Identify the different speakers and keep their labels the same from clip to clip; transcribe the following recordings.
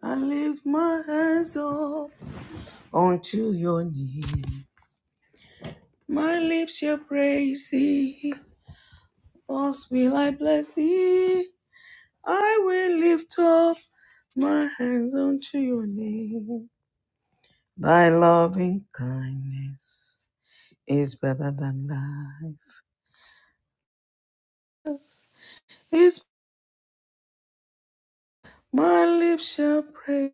Speaker 1: I lift my hands up unto your name. My lips shall praise thee. Thus will I bless thee. I will lift up my hands unto your name. Thy loving kindness is better than life. Yes, Is my lips shall praise.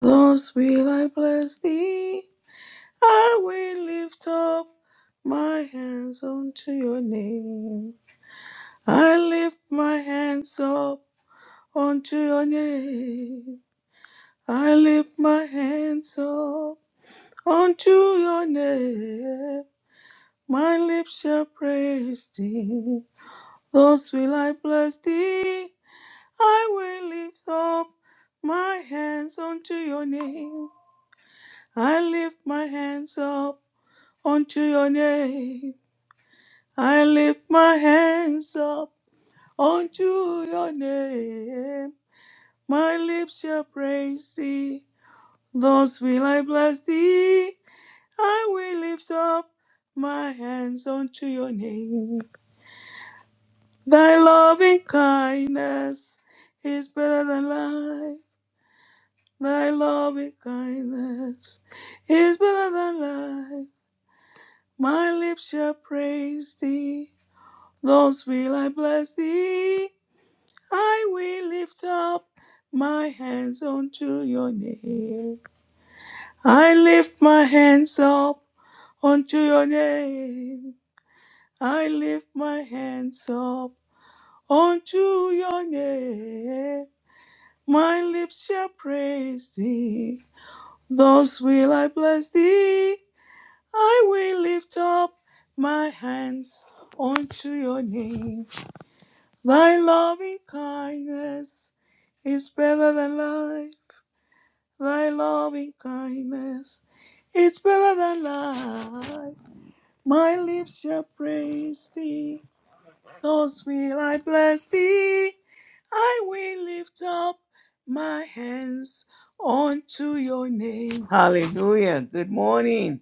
Speaker 1: Thus will I bless thee. I will lift up my hands unto your name. I lift my hands up unto your name. I lift my hands up unto your name. My lips shall praise thee. Thus will I bless thee. I will lift up my hands unto your name. I lift my hands up unto your name. I lift my hands up unto your name. My lips shall praise thee, thus will I bless thee. I will lift up my hands unto your name. Thy loving kindness is better than life. Thy loving kindness is better than life. My lips shall praise thee, thus will I bless thee. I will lift up my hands unto your name. I lift my hands up unto your name. I lift my hands up unto your name. My lips shall praise thee. Thus will I bless thee. I will lift up my hands unto your name. Thy loving kindness is better than life. Thy loving kindness is better than life. My lips shall praise thee, thus will I bless thee. I will lift up my hands unto your name. Hallelujah. Good morning.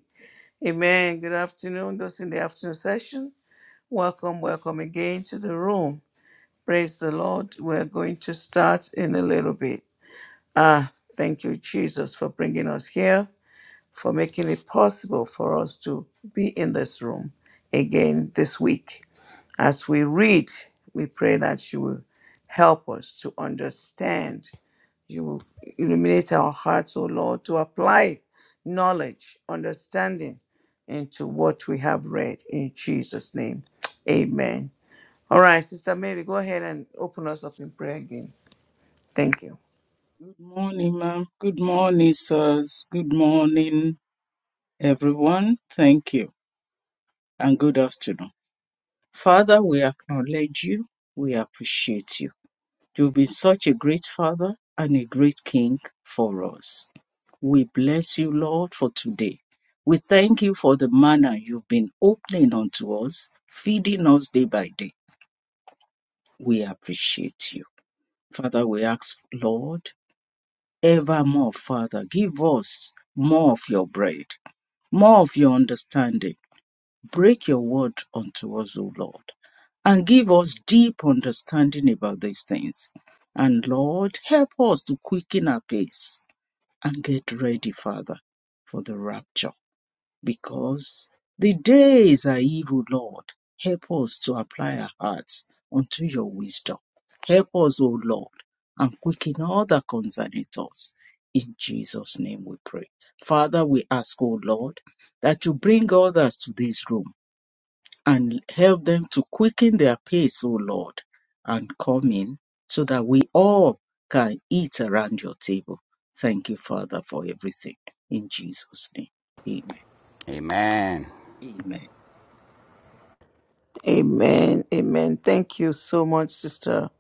Speaker 1: Amen. Good afternoon. Those in the afternoon session, welcome, welcome again to the room. Praise the Lord. We're going to start in a little bit. Ah, thank you, Jesus, for bringing us here, for making it possible for us to be in this room again this week. As we read, we pray that you will help us to understand. You will illuminate our hearts, O Lord, to apply knowledge, understanding into what we have read in Jesus' name. Amen. All right, Sister Mary, go ahead and open us up in prayer again. Thank you.
Speaker 2: Good morning, ma'am. Good morning, sirs. Good morning, everyone. Thank you. And good afternoon. Father, we acknowledge you. We appreciate you. You've been such a great father and a great king for us. We bless you, Lord, for today. We thank you for the manner you've been opening unto us, feeding us day by day. We appreciate you. Father, we ask, Lord, evermore, Father, give us more of your bread more of your understanding. Break your word unto us, O Lord, and give us deep understanding about these things. And Lord, help us to quicken our pace and get ready, Father, for the rapture because the days are evil, Lord. Help us to apply our hearts unto your wisdom. Help us, O Lord, and quicken all that concerneth us. In Jesus' name we pray. Father, we ask, O Lord, that you bring others to this room and help them to quicken their pace, O Lord, and come in so that we all can eat around your table. Thank you, Father, for everything. In Jesus' name, amen.
Speaker 3: Amen.
Speaker 2: Amen.
Speaker 1: Amen. Amen. Thank you so much, Sister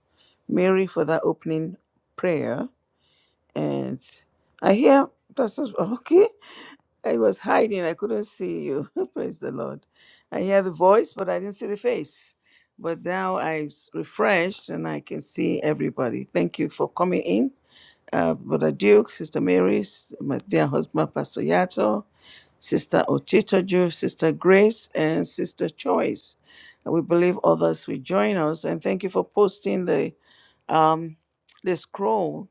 Speaker 1: Mary, for that opening prayer. And I hear that's okay. I was hiding. I couldn't see you. Praise the Lord. I hear the voice, but I didn't see the face. But now I s- refreshed and I can see everybody. Thank you for coming in, uh, Brother Duke, Sister Mary, s- my dear husband, Pastor Yato, Sister Otitoju, Sister Grace, and Sister Choice. And we believe others will join us. And thank you for posting the um, the scroll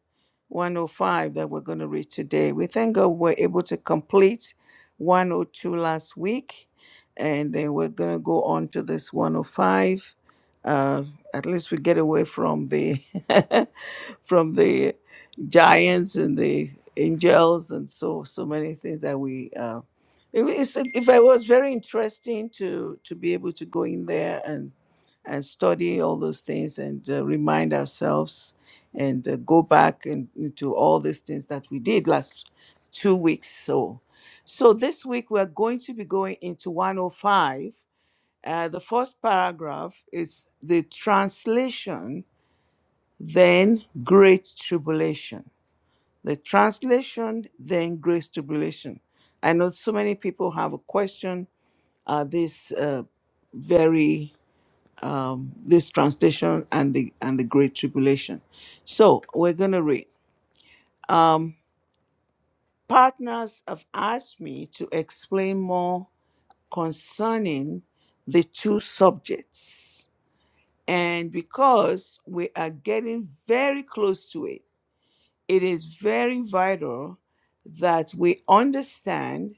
Speaker 1: 105 that we're going to read today. We thank God we're able to complete 102 last week, and then we're going to go on to this 105. Uh, at least we get away from the from the giants and the angels and so so many things that we. Uh, it, it's, if I was very interesting to to be able to go in there and and study all those things and uh, remind ourselves and uh, go back and into all these things that we did last two weeks so so this week we're going to be going into 105 uh, the first paragraph is the translation then great tribulation the translation then great tribulation i know so many people have a question uh, this uh, very um, this translation and the and the great tribulation. So we're gonna read. Um, partners have asked me to explain more concerning the two subjects, and because we are getting very close to it, it is very vital that we understand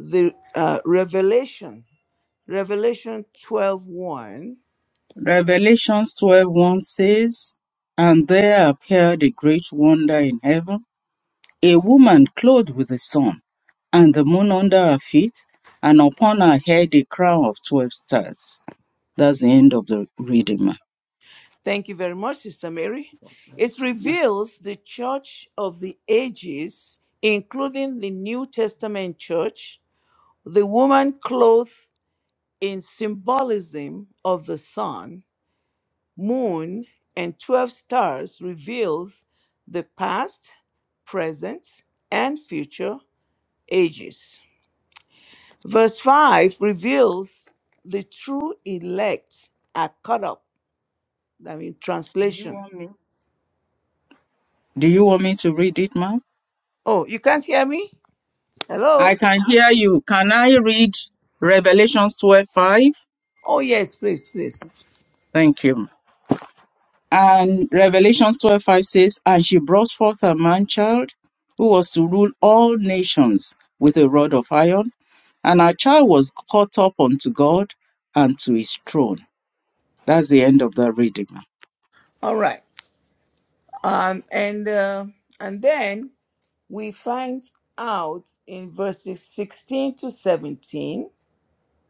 Speaker 1: the uh, revelation revelation 12
Speaker 2: Revelation twelve one says, And there appeared a great wonder in heaven, a woman clothed with the sun, and the moon under her feet, and upon her head a crown of 12 stars. That's the end of the reading, ma'am.
Speaker 1: Thank you very much, Sister Mary. It
Speaker 2: Yes, ma'am.
Speaker 1: reveals the church of the ages, including the New Testament church, the woman clothed in symbolism of the sun, moon, and 12 stars reveals the past, present, and future ages. Verse 5 reveals the true elect are caught up. I mean,
Speaker 2: Do you
Speaker 1: translation.
Speaker 2: want me? Do you want me to read it, ma'am?
Speaker 1: Oh, you can't hear me? Hello?
Speaker 2: I can hear you. Can I read Revelation 12:5?
Speaker 1: Oh yes, please, please.
Speaker 2: Thank you. ma'am. And Revelation 12:5 says, And she brought forth a man child who was to rule all nations with a rod of iron. And our child was caught up unto God and to his throne. That's the end of that reading. ma'am.
Speaker 1: All right. Um, and uh, and then we find out in verses sixteen to seventeen.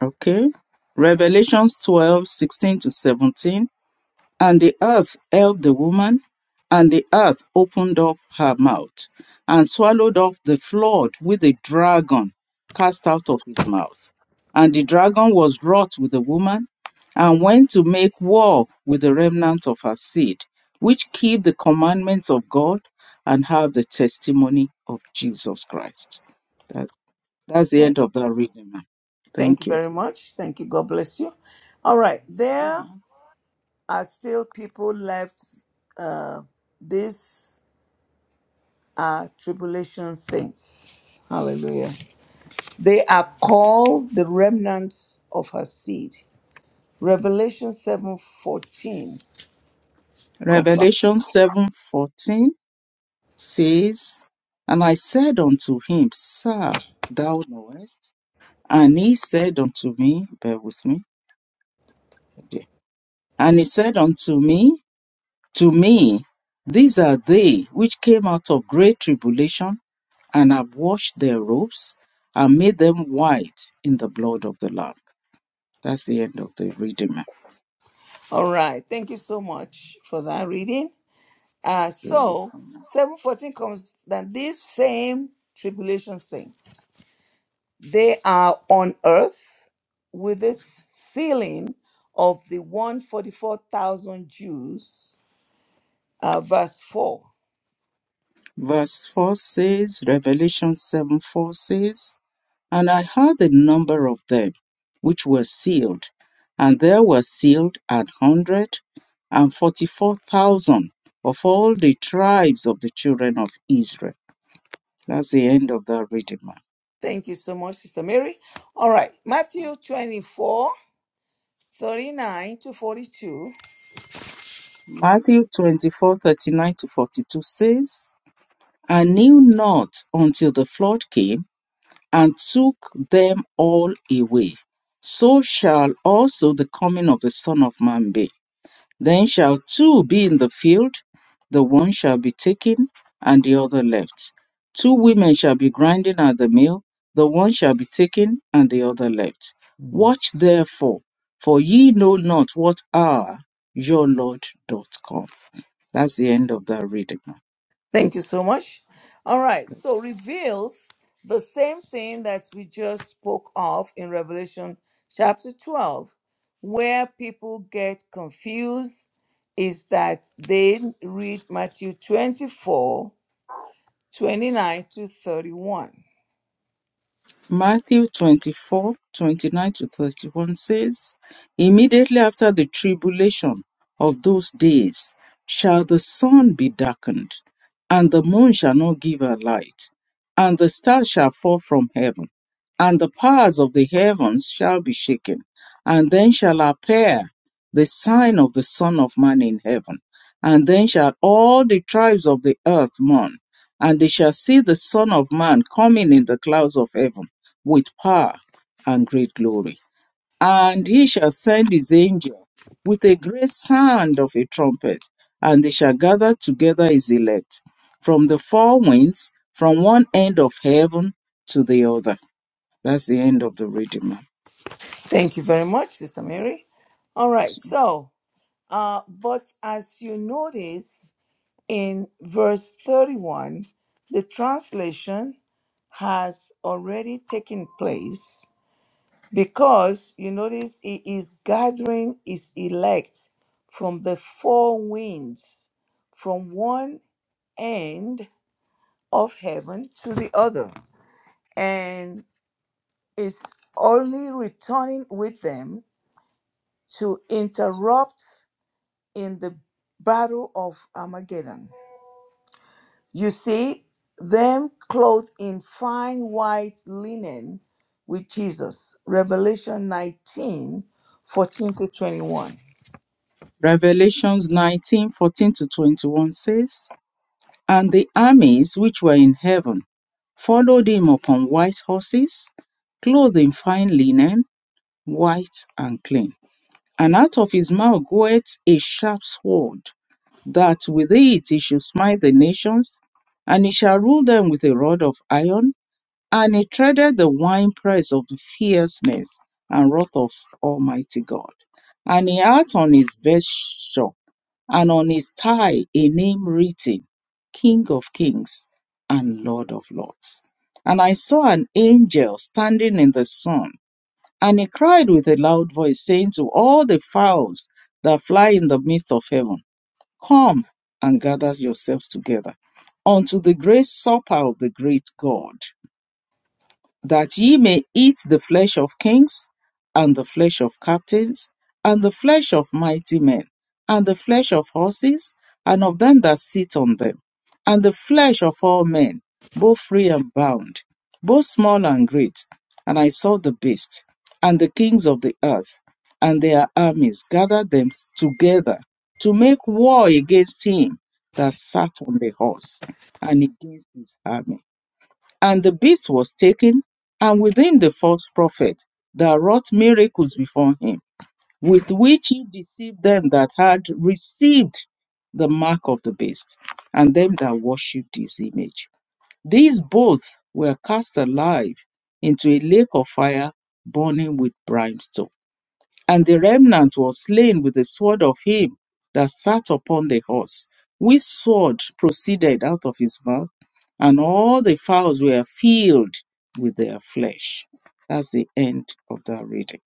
Speaker 2: Okay. Revelations 12:16 to 17. And the earth held the woman, and the earth opened up her mouth, and swallowed up the flood with a dragon cast out of his mouth. And the dragon was wroth with the woman, and went to make war with the remnant of her seed, which keep the commandments of God and have the testimony of Jesus Christ. That, that's the
Speaker 1: Thank,
Speaker 2: end of that reading. ma'am.
Speaker 1: thank you
Speaker 2: Thank you.
Speaker 1: very much. Thank you. God bless you. All right. There are still people left. Uh, these are tribulation saints. Hallelujah. They are called the remnants of her seed. Revelation seven fourteen
Speaker 2: Revelation seven fourteen. says, And I said unto him, Sir, thou knowest. And he said unto me, Bear with me. okay. And he said unto me, To me, these are they which came out of great tribulation, and have washed their robes, and made them white in the blood of the Lamb. That's the end of the reading.
Speaker 1: All right. Thank you so much for that reading. Uh,
Speaker 2: ma'am.
Speaker 1: so, 714 comes that these same tribulation saints, they are on earth with the sealing of the 144,000 Jews, uh, verse 4.
Speaker 2: Verse 4 says, Revelation 7 4 says, And I heard the number of them which were sealed, and there were sealed an hundred and forty-four thousand of all the tribes of the children of Israel. That's the end of that reading, ma'am.
Speaker 1: Thank you so much, Sister Mary. All right. Matthew 24 39 to 42.
Speaker 2: Matthew twenty-four thirty-nine to 42 says, I knew not until the flood came and took them all away. So shall also the coming of the Son of Man be. Then shall two be in the field, the one shall be taken and the other left. Two women shall be grinding at the mill, the one shall be taken and the other left. Watch therefore, for ye know not what hour your Lord doth come. That's the end of that reading.
Speaker 1: Thank you so much. All right. So reveals the same thing that we just spoke of in Revelation chapter 12, where people get confused is that they read Matthew 24 29 to 31.
Speaker 2: Matthew 24 29 to 31 says, Immediately after the tribulation of those days shall the sun be darkened, and the moon shall not give her light, and the stars shall fall from heaven, and the powers of the heavens shall be shaken. And then shall appear the sign of the Son of Man in heaven. And then shall all the tribes of the earth mourn, and they shall see the Son of Man coming in the clouds of heaven with power and great glory. And he shall send his angel with a great sound of a trumpet, and they shall gather together his elect from the four winds, from one end of heaven to the other. That's the end of the reading. ma'am.
Speaker 1: Thank you very much, Sister Mary. All right. So, uh, but as you notice, In verse 31, the translation has already taken place because you notice he is gathering his elect from the four winds, from one end of heaven to the other, and is only returning with them to interrupt in the battle of Armageddon. You see them clothed in fine white linen with Jesus. Revelation 19 14 to 21.
Speaker 2: Revelations 19 fourteen to 21 says, And the armies which were in heaven followed him upon white horses, clothed in fine linen, white and clean And out of his mouth goeth a sharp sword, that with it he should smite the nations, and he shall rule them with a rod of iron. And he treaded the winepress of the fierceness and wrath of Almighty God. And he hath on his vesture and on his thigh a name written, King of Kings and Lord of Lords. And I saw an angel standing in the sun and he cried with a loud voice, saying to all the fowls that fly in the midst of heaven, Come and gather yourselves together unto the great supper of the great God, that ye may eat the flesh of kings, and the flesh of captains, and the flesh of mighty men, and the flesh of horses, and of them that sit on them, and the flesh of all men, both free and bound, both small and great. And I saw the beast, and the kings of the earth, and their armies gathered them together to make war against him that sat on the horse, and against his army. And the beast was taken, and with him the false prophet that wrought miracles before him, with which he deceived them that had received the mark of the beast, and them that worshipped his image. These both were cast alive into a lake of fire burning with brimstone. And the remnant was slain with the sword of him that sat upon the horse, which sword proceeded out of his mouth, and all the fowls were filled with their flesh. That's the end of that reading.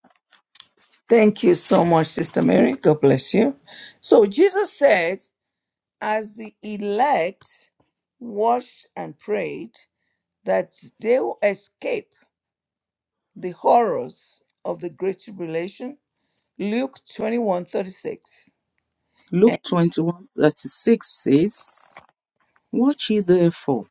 Speaker 1: Thank you so much, Sister Mary. God bless you. So Jesus said, as the elect watched and prayed, that they will escape the horrors of the great tribulation. Luke 21 36.
Speaker 2: Luke 21 36 says, Watch ye therefore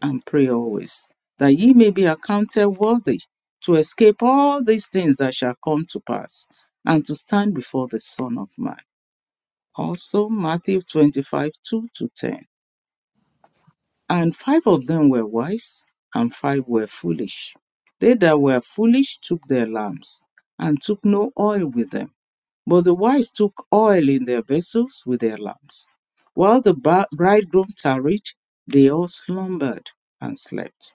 Speaker 2: and pray always, that ye may be accounted worthy to escape all these things that shall come to pass, and to stand before the Son of Man. Also, Matthew 25, 2 to 10. And five of them were wise, and five were foolish. They that were foolish took their lamps, and took no oil with them. But the wise took oil in their vessels with their lamps. While the ba- bridegroom tarried, they all slumbered and slept.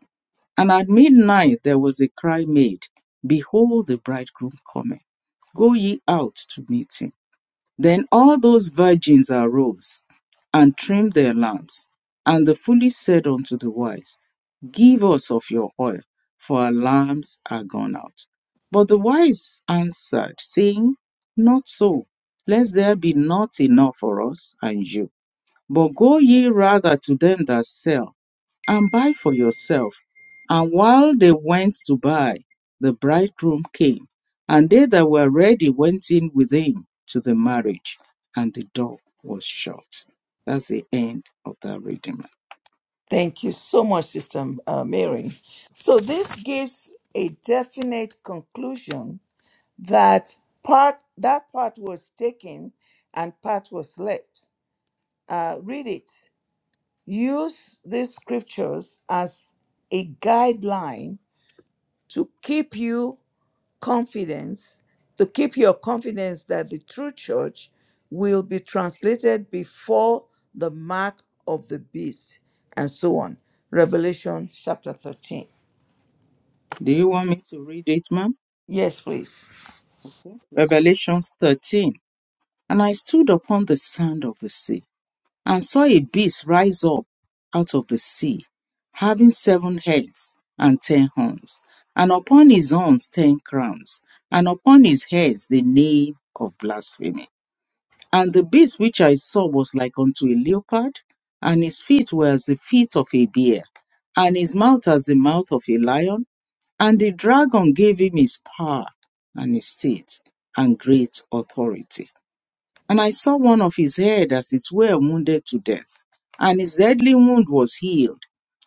Speaker 2: And at midnight there was a cry made, Behold, the bridegroom cometh. Go ye out to meet him. Then all those virgins arose and trimmed their lamps. And the foolish said unto the wise, Give us of your oil, for our lamps are gone out. But the wise answered, saying, Not so, lest there be not enough for us and you. But go ye rather to them that sell, and buy for yourself and while they went to buy, the bridegroom came, and they that were ready went in with him to the marriage, and the door was shut. That's the end of that reading. ma'am.
Speaker 1: Thank you so much, Sister um, uh, Mary. So this gives a definite conclusion that part that part was taken and part was left. Uh, read it. Use these scriptures as a guideline to keep you confidence, to keep your confidence that the true church will be translated before the mark of the beast, and so on. Revelation chapter 13.
Speaker 2: Do you want me to read it, ma'am?
Speaker 1: Yes, please.
Speaker 2: Revelation 13. And I stood upon the sand of the sea and saw a beast rise up out of the sea, having seven heads and ten horns, and upon his horns ten crowns, and upon his heads the name of blasphemy. And the beast which I saw was like unto a leopard, and his feet were as the feet of a bear, and his mouth as the mouth of a lion. And the dragon gave him his power and his seat and great authority and I saw one of his head as it were wounded to death, and his deadly wound was healed.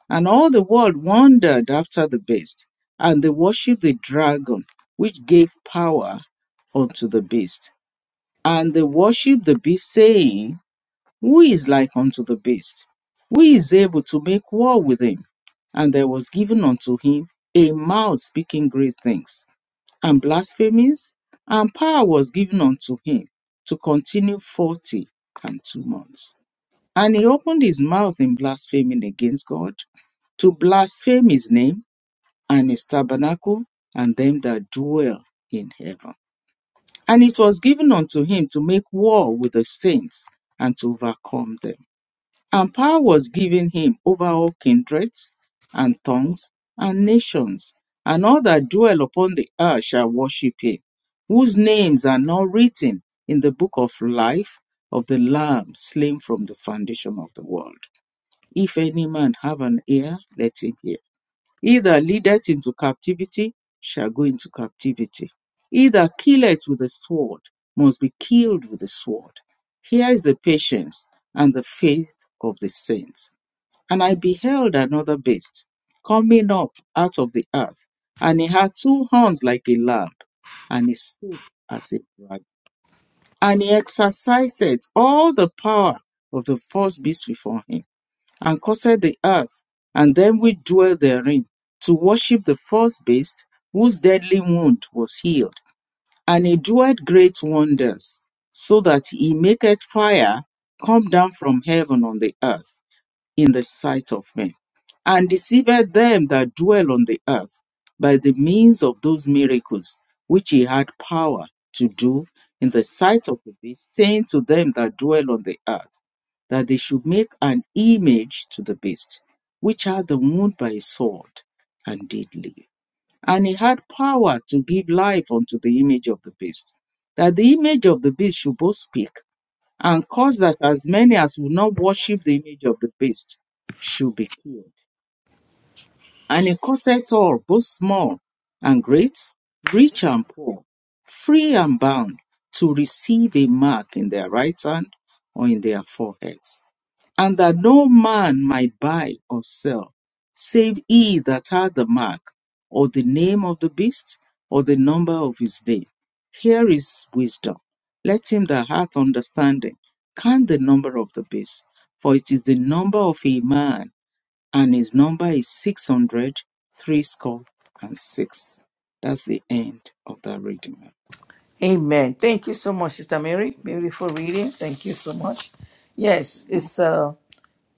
Speaker 2: And all the world wondered after the beast, and they worshipped the dragon, which gave power unto the beast. And they worshipped the beast, saying, Who is like unto the beast? Who is able to make war with him? And there was given unto him a mouth speaking great things and blasphemies, and power was given unto him to continue forty and two months. And he opened his mouth in blaspheming against God, to blaspheme his name and his tabernacle and them that dwell in heaven. And it was given unto him to make war with the saints and to overcome them. And power was given him over all kindreds and tongues and nations, and all that dwell upon the earth shall worship him, whose names are not written in the book of life of the Lamb slain from the foundation of the world. If any man have an ear, let him hear. He that leadeth into captivity shall go into captivity. He that killeth with the sword must be killed with the sword. Here is the patience and the faith of the saints. And I beheld another beast coming up out of the earth, and he had two horns like a lamb, and he spake as a dragon. And he exercised all the power of the first beast before him and caused the earth, and them which dwell therein, to worship the first beast, whose deadly wound was healed. And he doeth great wonders, so that he maketh fire come down from heaven on the earth in the sight of men, and deceiveth them that dwell on the earth by the means of those miracles which he had power to do in the sight of the beast, saying to them that dwell on the earth, that they should make an image to the beast, which had the wound by a sword, and did live. And he had power to give life unto the image of the beast, that the image of the beast should both speak, and cause that as many as would not worship the image of the beast should be killed. And he cutteth all, both small and great, rich and poor, free and bound, to receive a mark in their right hand or in their foreheads. And that no man might buy or sell, save he that had the mark, or the name of the beast, or the number of his name. Here is wisdom. Let him that hath understanding count the number of the beast, for it is the number of a man and his number is six hundred threescore and six. That's the end of that reading, ma'am.
Speaker 1: Amen. Thank you so much, Sister Mary. Beautiful reading. Thank you so much. Yes, it's uh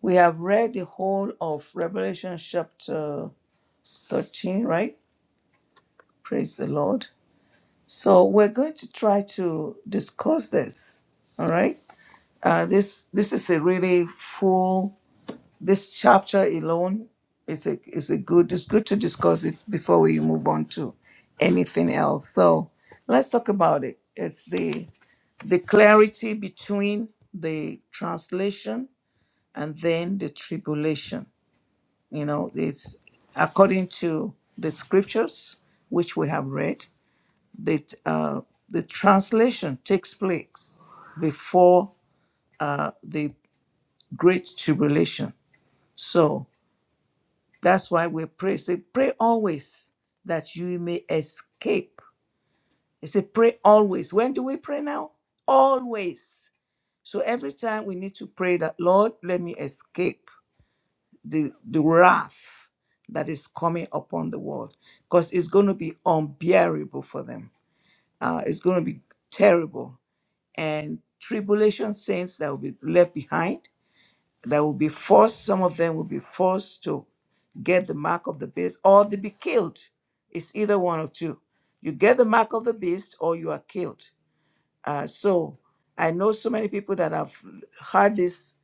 Speaker 1: we have read the whole of Revelation chapter 13, right? Praise the Lord. So we're going to try to discuss this. All right. Uh, this this is a really full. This chapter alone is a is a good. It's good to discuss it before we move on to anything else. So let's talk about it. It's the the clarity between the translation and then the tribulation. You know, it's according to the scriptures which we have read that uh, the translation takes place before uh, the great tribulation. So that's why we pray. Say, pray always that you may escape. It said, pray always. When do we pray now? Always. So every time we need to pray that, Lord, let me escape the, the wrath that is coming upon the world because it's going to be unbearable for them. Uh, it's going to be terrible. And tribulation saints that will be left behind that will be forced, some of them will be forced to get the mark of the beast or they be killed. It's either one of two. You get the mark of the beast or you are killed. Uh, so I know so many people that have heard this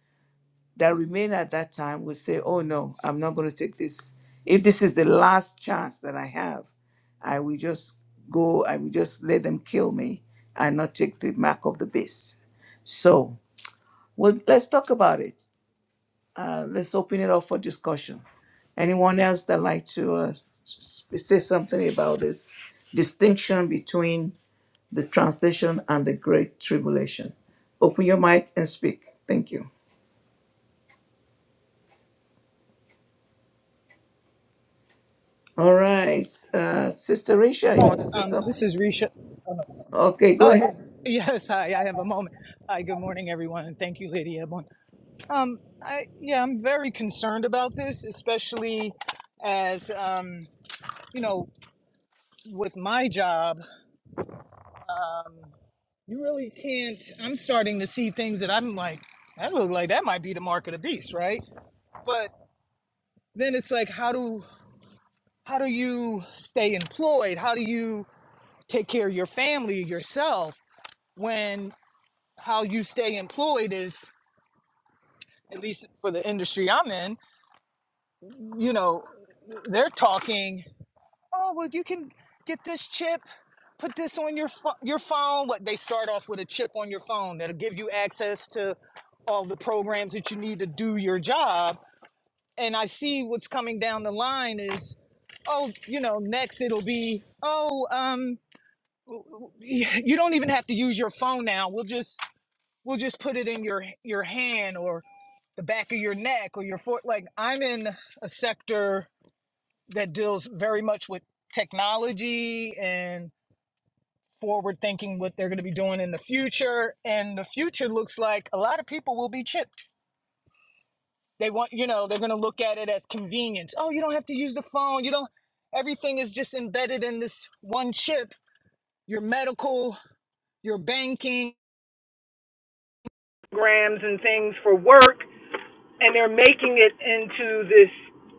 Speaker 1: that remain at that time will say, oh no, I'm not going to take this. If this is the last chance that I have, I will just go, I will just let them kill me and not take the mark of the beast. So well, let's talk about it. Uh, let's open it up for discussion. Anyone else that like to uh, s- s- say something about this distinction between the translation and the Great Tribulation? Open your mic and speak. Thank you. All right, uh, Sister Risha, you
Speaker 4: Hi,
Speaker 1: want to say
Speaker 4: um, this
Speaker 1: something?
Speaker 4: is Risha.
Speaker 1: Okay, go
Speaker 4: Oh,
Speaker 1: ahead.
Speaker 4: yes, hi, I have a moment. Hi, good morning, everyone, and thank you, Lady Ebon. Um, I, yeah, I'm very concerned about this, especially as, um, you know, with my job, you really can't, I'm starting to see things that I'm like, that look like that might be the mark of the beast, right? But then it's like, how do, how do you stay employed? How do you take care of your family, yourself, when how you stay employed is at least for the industry I'm in, you know, they're talking, oh, well, you can get this chip, put this on your pho- your phone. What they start off with a chip on your phone that'll give you access to all the programs that you need to do your job. And I see what's coming down the line is, oh, you know, next it'll be, oh, um, you don't even have to use your phone now. We'll just we'll just put it in your your hand or. the back of your neck or your foot. Like I'm in a sector that deals very much with technology and forward thinking what they're going to be doing in the future. And the future looks like a lot of people will be chipped. They want, you know, they're going to look at it as convenience. Oh, you don't have to use the phone. You don't, everything is just embedded in this one chip. Your medical, your banking, and things for work. and they're making it into this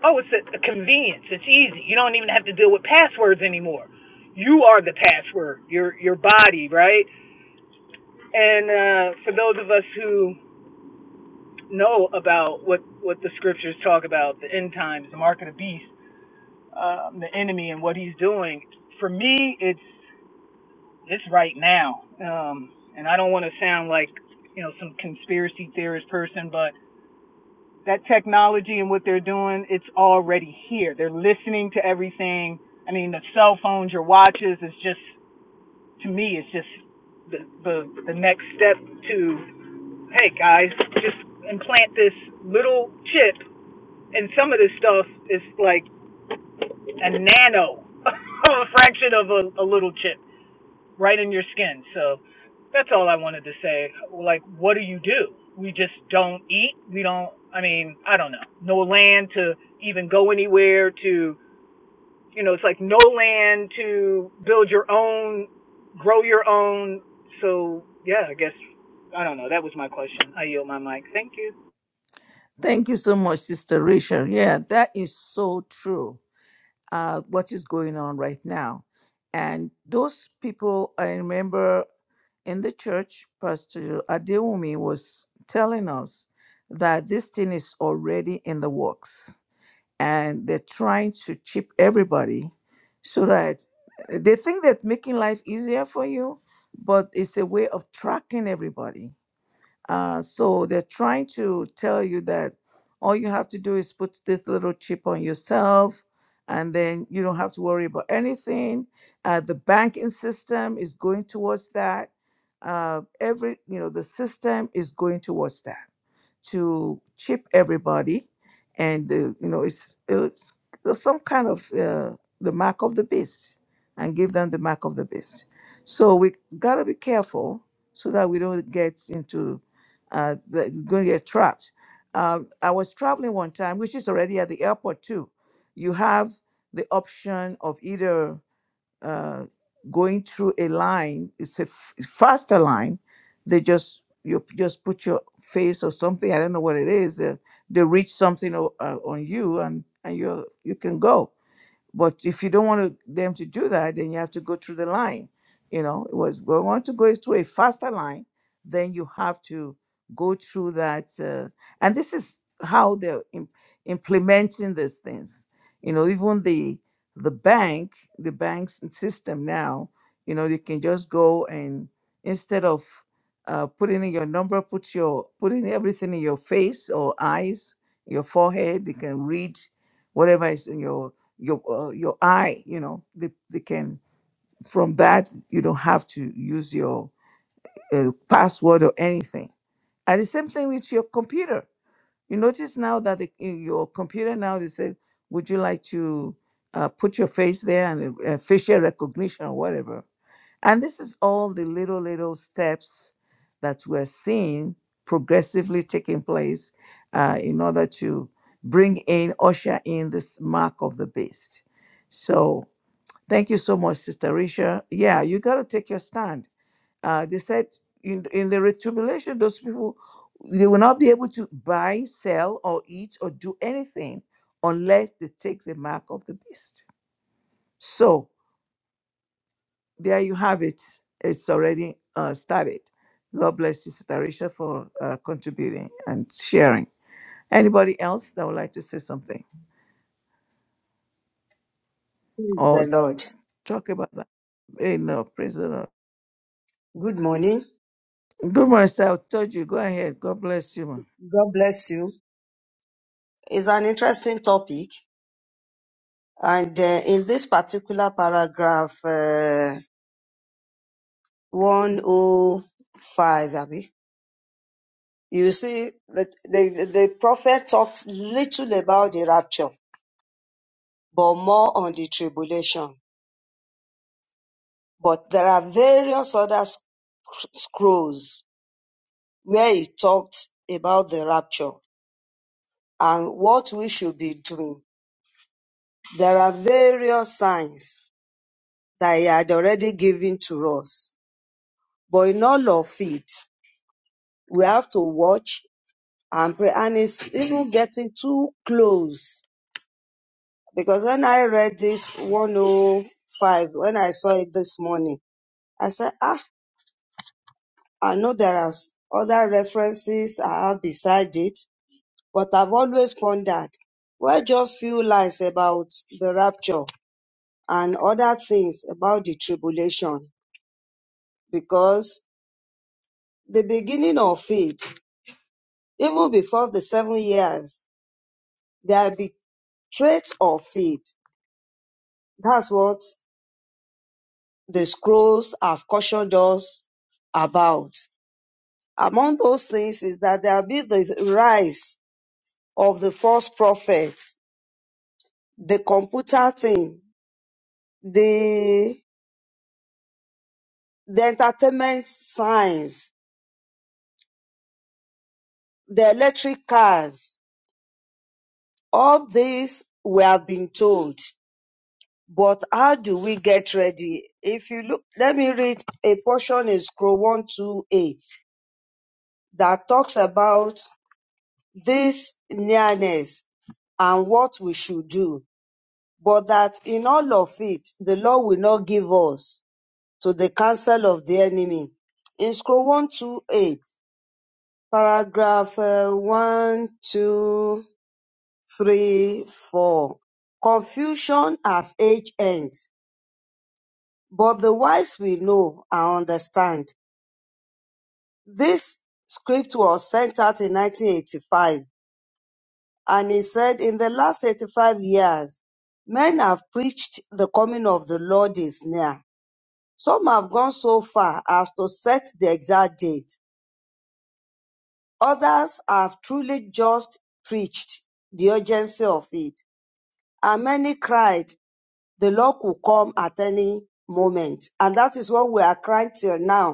Speaker 4: oh it's a, a convenience it's easy you don't even have to deal with passwords anymore you are the password your your body right and uh, for those of us who know about what what the scriptures talk about the end times the mark of the beast um, the enemy and what he's doing for me it's it's right now um, and i don't want to sound like you know some conspiracy theorist person but that technology and what they're doing, it's already here. They're listening to everything. I mean, the cell phones, your watches, is just to me, it's just the the, the next step to hey guys, just implant this little chip, and some of this stuff is like a nano fraction of a, a little chip right in your skin. So that's all I wanted to say. Like, what do you do? We just don't eat. We don't, I mean, I don't know. No land to even go anywhere to, you know, it's like no land to build your own, grow your own. So, yeah, I guess, I don't know. That was my question. I yield my mic. Thank you.
Speaker 1: Thank you so much, Sister Rachel. Yeah, that is so true. uh, what is going on right now. And those people, I remember in the church, Pastor Adewumi was telling us that this thing is already in the works and they're trying to chip everybody so that they think that making life easier for you, but it's a way of tracking everybody uh, so they're trying to tell you that all you have to do is put this little chip on yourself, and then you don't have to worry about anything. Uh, the banking system is going towards that. Uh, every, you know, the system is going towards that to chip everybody, and uh, you know it's, it's some kind of uh, the mark of the beast, and give them the mark of the beast. So we gotta be careful so that we don't get into uh, that we're gonna get trapped. Um, I was traveling one time, which is already at the airport too. You have the option of either uh, going through a line it's a f- faster line they just you just put your face or something i don't know what it is uh, they reach something o- uh, on you and and you you can go but if you don't want to, them to do that, then you have to go through the line. You know, it was we want to go through a faster line, then you have to go through that. Uh, and this is how they're im- implementing these things. You know, even the the bank, the bank's system now, you know, you can just go and instead of uh, putting in your number, put your putting everything in your face or eyes, your forehead. They can read whatever is in your your uh, your eye you know they, they can from that you don't have to use your uh, password or anything and the same thing with your computer you notice now that the, in your computer now they say would you like to uh, put your face there and uh, facial recognition or whatever and this is all the little little steps that we're seeing progressively taking place uh, in order to bring in usher in this mark of the beast so Thank you so much, Sister Risha. Yeah, you got to take your stand. Uh, they said in, in the re- tribulation, those people they will not be able to buy, sell, or eat or do anything unless they take the mark of the beast. So there you have it. It's already uh, started. God bless you, Sister Risha, for uh, contributing and sharing. Anybody else that would like to say something
Speaker 5: Praise
Speaker 1: or
Speaker 5: the Lord.
Speaker 1: talk about that? Hey, no, praise the Lord.
Speaker 5: Good morning.
Speaker 1: Good morning, sir. I told you. Go ahead. God bless you, ma.
Speaker 5: God bless you. It's an interesting topic. And uh, in this particular paragraph, uh, 105, Abby, you see that the, the prophet talks little about the rapture, but more on the tribulation. But there are various other sc- scrolls where he talks about the rapture and what we should be doing. There are various signs that he had already given to us. But in all of it, we have to watch and pray. And it's even getting too close. Because when I read this 105, when I saw it this morning, I said, ah, I know there are other references I have beside it, but I've always pondered. Well, just few lines about the rapture and other things about the tribulation, because the beginning of it. Even before the seven years, there will be traits of faith. That's what the scrolls have cautioned us about. Among those things is that there will be the rise of the false prophets, the computer thing, the, the entertainment signs, the electric cars. All these we have been told. But how do we get ready? If you look, let me read a portion in Scroll 128 that talks about this nearness and what we should do, but that in all of it, the Lord will not give us to the counsel of the enemy. In Scroll 128, paragraph uh, 1, 2, 3, 4. Confusion as age ends But the wise will know and understand. This script was sent out in 1985, and he said, In the last 85 years, men have preached the coming of the Lord is near. Some have gone so far as to set the exact date. Others have truly just preached the urgency of it. And many cried, The Lord could come at any moment. And that is what we are crying till now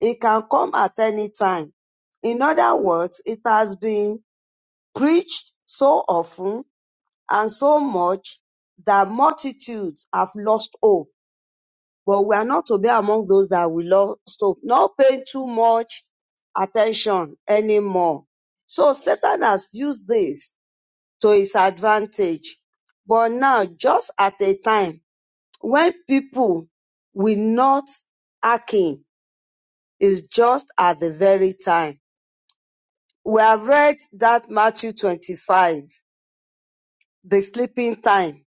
Speaker 5: It can come at any time. In other words, it has been preached so often and so much that multitudes have lost hope. But we are not to be among those that will lost hope, not paying too much attention anymore. So Satan has used this to his advantage. But now, just at a time when people will not hearken, is just at the very time We have read that Matthew 25, the sleeping time.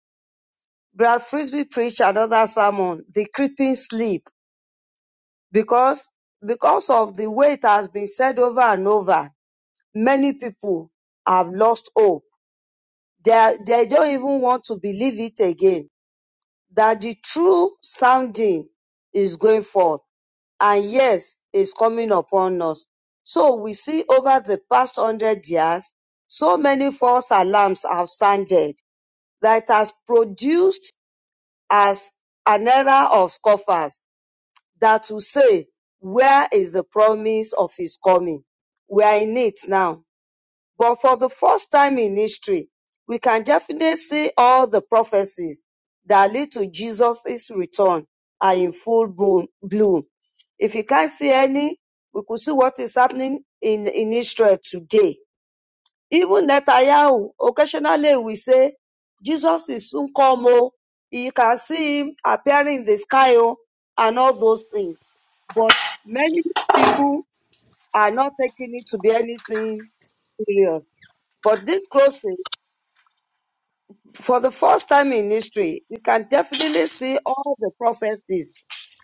Speaker 5: Brad Frisbee preached another sermon, the creeping sleep, because, because of the way it has been said over and over, many people have lost hope. They, they don't even want to believe it again, that the true sounding is going forth. And yes, is coming upon us. So we see over the past hundred years, so many false alarms have sounded that it has produced as an era of scoffers that will say, where is the promise of his coming? We are in it now. But for the first time in history, we can definitely see all the prophecies that lead to Jesus' return are in full bloom. bloom. If you can't see any, we could see what is happening in, in Israel today even Netanyahu, occasionally we say, Jesus is soon come. Oh. You can see him appearing in the sky oh, and all those things. But many people are not taking it to be anything serious. But this crossing, for the first time in history, you can definitely see all the prophecies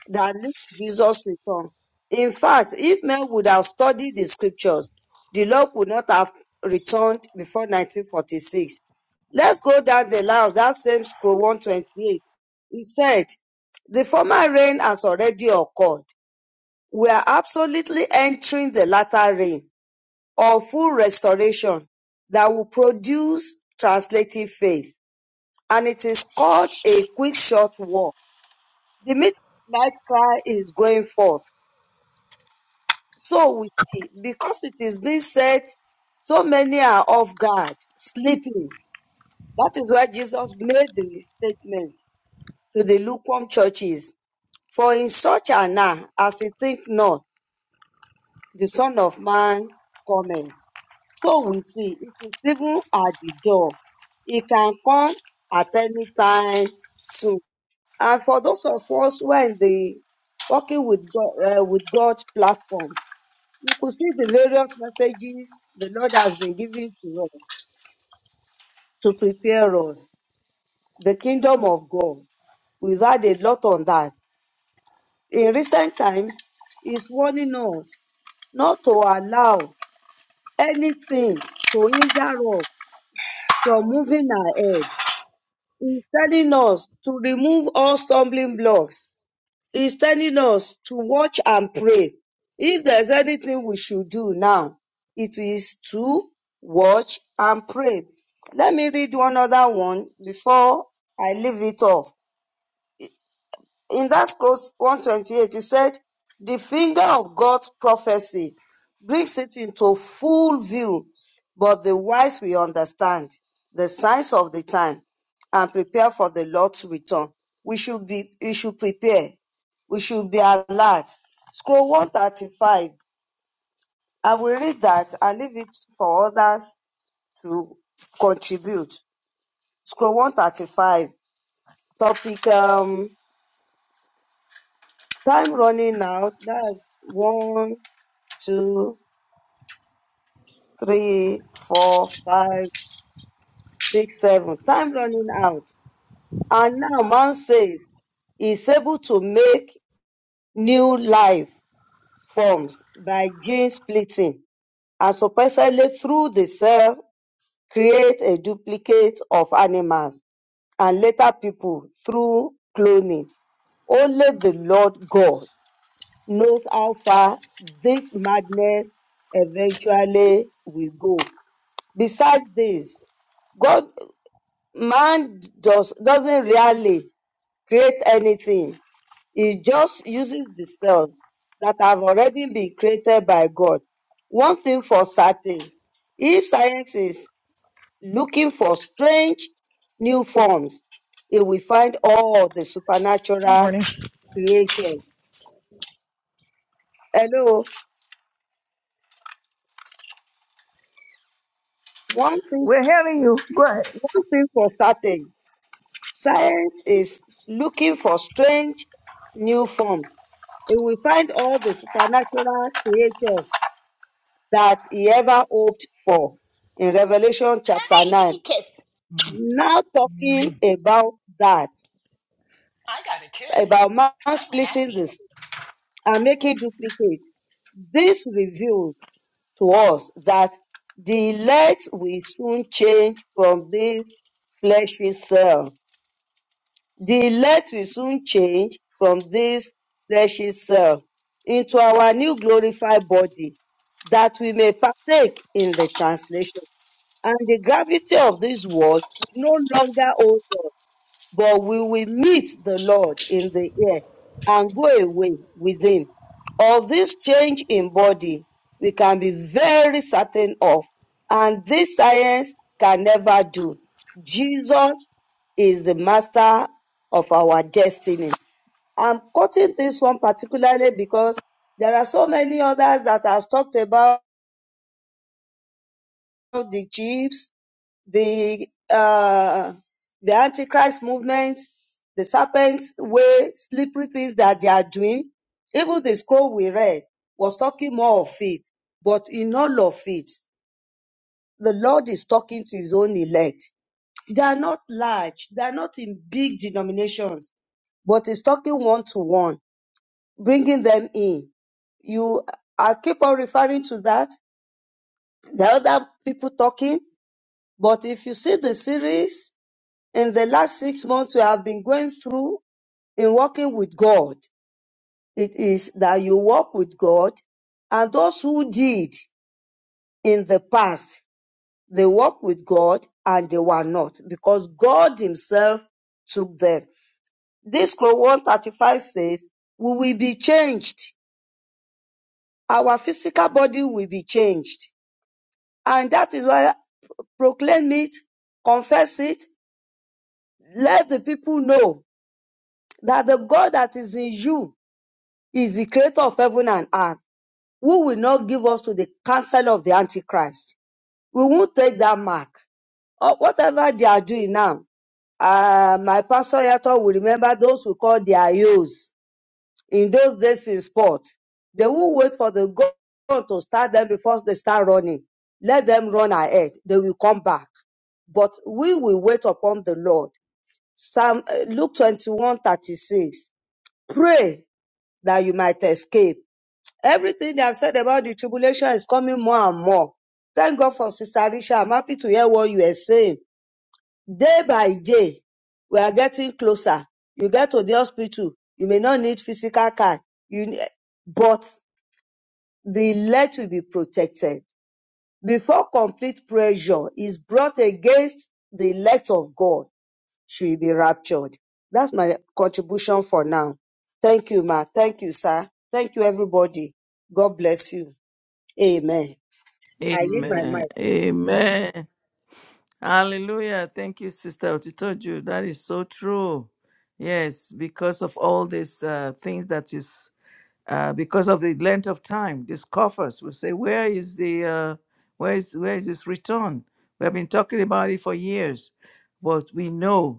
Speaker 5: that lift Jesus return. In fact, if men would have studied the scriptures, the Lord would not have returned before 1946. Let's go down the line of that same scroll 128. He said, the former rain has already occurred. We are absolutely entering the latter rain or full restoration that will produce translative faith. And it is called a quick short war. The midnight cry is going forth So we see, because it is being said, so many are off guard, sleeping. That is why Jesus made the statement to the lukewarm churches. For in such an hour as he think not, the Son of Man cometh. So we see, it is even at the door. It can come at any time soon. And for those of us who are in the working with God, uh, with God platform, you could see the various messages the Lord has been giving to us to prepare us, the kingdom of God. We've had a lot on that. In recent times, He's warning us not to allow anything to hinder us from moving ahead. He's telling us to remove all stumbling blocks He's telling us to watch and pray. If there's anything we should do now, it is to watch and pray. Let me read one other one before I leave it off in that scrolls 128, it said, the finger of God's prophecy brings it into full view, but the wise will understand the signs of the time and prepare for the Lord's return. We should be, we should prepare. We should be alert. Scroll 135. I will read that and leave it for others to contribute. Scroll 135. Topic, um, time running out. That's one. two, three, four, five, six, seven. Time running out. And now man says he's able to make new life forms by gene splitting and supposedly through the cell create a duplicate of animals and later people through cloning. Only the Lord God knows how far this madness eventually will go Besides this, God, man does, doesn't really create anything. He just uses the cells that have already been created by God. One thing for certain, if science is looking for strange new forms, it will find all the
Speaker 4: Good
Speaker 5: supernatural
Speaker 4: morning.
Speaker 5: creatures. Hello. One thing,
Speaker 1: We're hearing you. Go ahead.
Speaker 5: one thing for certain, Science is looking for strange new forms. It will find all the supernatural creatures that he ever hoped for in Revelation chapter 9. Now talking about that, about man splitting this and making duplicates. This reveals to us that the elect will soon change from this fleshly cell The elect will soon change from this fleshly self into our new glorified body, that we may partake in the translation. And the gravity of this world will no longer hold us but we will meet the Lord in the air and go away with him. Of this change in body, we can be very certain of, and this science can never do. Jesus is the master of our destiny. I'm quoting this one particularly because there are so many others that has talked about the chips the uh, the antichrist movement, the serpent's way, slippery things that they are doing. Even the scroll we read was talking more of it, but in all of it, the Lord is talking to His own elect. They are not large, they are not in big denominations, but He's talking one to one, bringing them in. You, I keep on referring to that. There are other people talking, but if you see the series, in the last six months we have been going through in working with God. It is that you walk with God and those who did in the past, they walk with God and they were not because God himself took them. This Colossians 135 says, we will be changed. Our physical body will be changed. And that is why proclaim it, confess it, let the people know that the God that is in you He is the creator of heaven and earth, who will not give us to the counsel of the Antichrist. We won't take that mark. Or whatever they are doing now, uh, my pastor Yato will remember those who call their youths in those days in sport. They will wait for the God to start them before they start running. Let them run ahead. They will come back. But we will wait upon the Lord. Psalm, uh, Luke 21:36. Pray that you might escape Everything they have said about the tribulation is coming more and more. Thank God for Sister Risha. I'm happy to hear what you are saying. Day by day, we are getting closer. You get to the hospital, you may not need physical care, you, ne- but the elect will be protected. Before complete pressure is brought against the elect of God, she will be raptured. That's my contribution for now. Thank you, ma. Thank you, sir. Thank you, everybody. God bless you. Amen. I yield my
Speaker 1: Amen.
Speaker 5: mic.
Speaker 1: Amen. Hallelujah. Thank you, Sister Otitoju. That is so true. Yes, because of all these uh, things that is, uh, because of the length of time, these coffers will say, where is the, uh, where is where is this return? We have been talking about it for years, but we know.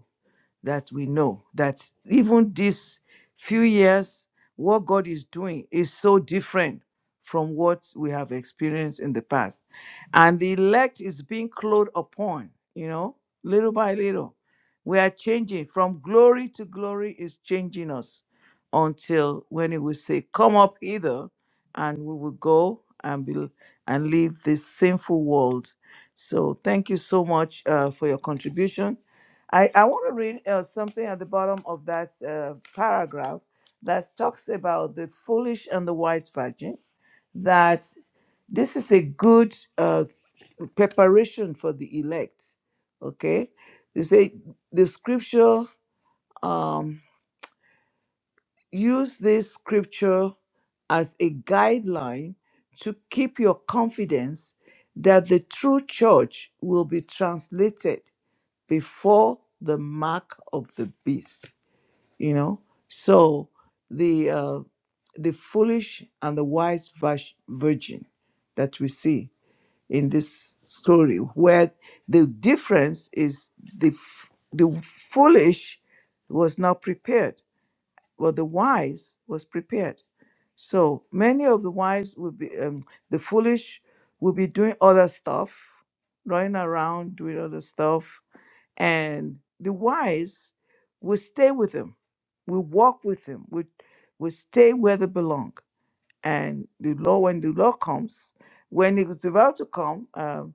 Speaker 1: that we know that even these few years, what God is doing is so different from what we have experienced in the past. And the elect is being clothed upon, you know, little by little. We are changing from glory to glory, is changing us until when it will say, Come up hither, and we will go and be and leave this sinful world. So thank you so much uh, for your contribution. I, I want to read uh, something at the bottom of that uh, paragraph that talks about the foolish and the wise virgin, that this is a good uh, preparation for the elect. Okay? They say the scripture, um, use this scripture as a guideline to keep your confidence that the true church will be translated before the mark of the beast you know so the uh, the foolish and the wise vas- virgin that we see in this story where the difference is the f- the foolish was not prepared but the wise was prepared so many of the wise will be um, the foolish will be doing other stuff running around doing other stuff and the wise will stay with them, will walk with them, will, will stay where they belong. And the law, when the law comes, when it is about to come, um,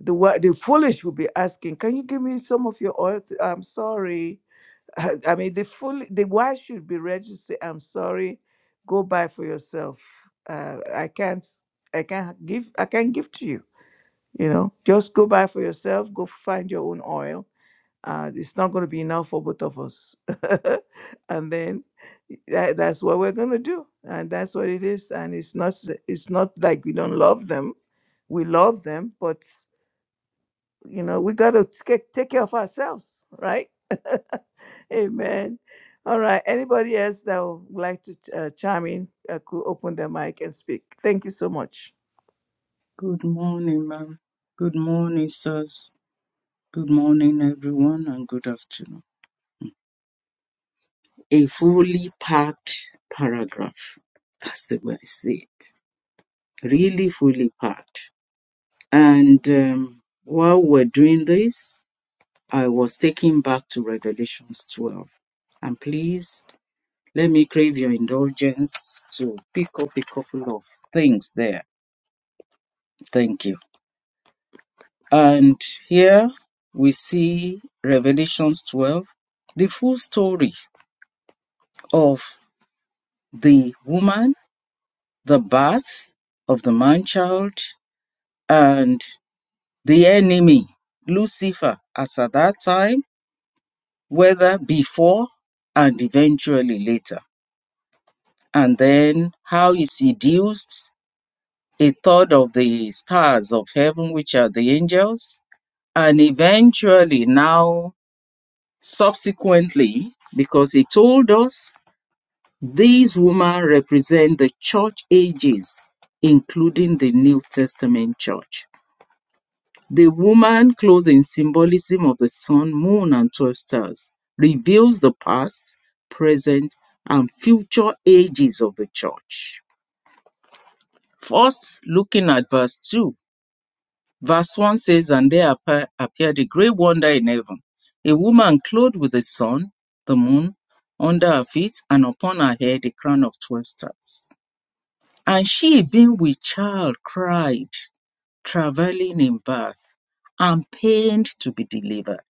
Speaker 1: the wa- the foolish will be asking, "Can you give me some of your oil?" To, I'm sorry. I mean, the fool, the wise should be ready to say, "I'm sorry, go buy for yourself. Uh, I can't, I can't give, I can't give to you. You know, just go buy for yourself. Go find your own oil." uh, it's not going to be enough for both of us. and then that, that's what we're going to do, and that's what it is. And it's not s- it's not like we don't love them; we love them, but you know we got to take take care of ourselves, right? Amen. All right. Anybody else that would like to uh, chime in uh, could open their mic and speak. Thank you so much.
Speaker 2: Good morning, ma'am. Good morning, sirs. Good morning, everyone, and good afternoon. A fully packed paragraph. That's the way I see it. Really fully packed. And um, while we're doing this, I was taken back to Revelations 12. And please Let me crave your indulgence to pick up a couple of things there. Thank you. And here we see Revelations 12, the full story of the woman, the birth of the man child, and the enemy, Lucifer, as at that time, whether before and eventually later. And then how he seduced a third of the stars of heaven, which are the angels. And eventually, now, subsequently, because he told us these women represent the church ages, including the New Testament church. The woman clothed in symbolism of the sun, moon, and 12 stars reveals the past, present, and future ages of the church. First, looking at verse 2 Verse 1 says, And there appa- appeared a great wonder in heaven a woman clothed with the sun, the moon, under her feet, and upon her head a crown of 12 stars. And she, being with child, cried, travailing in birth, and pained to be delivered.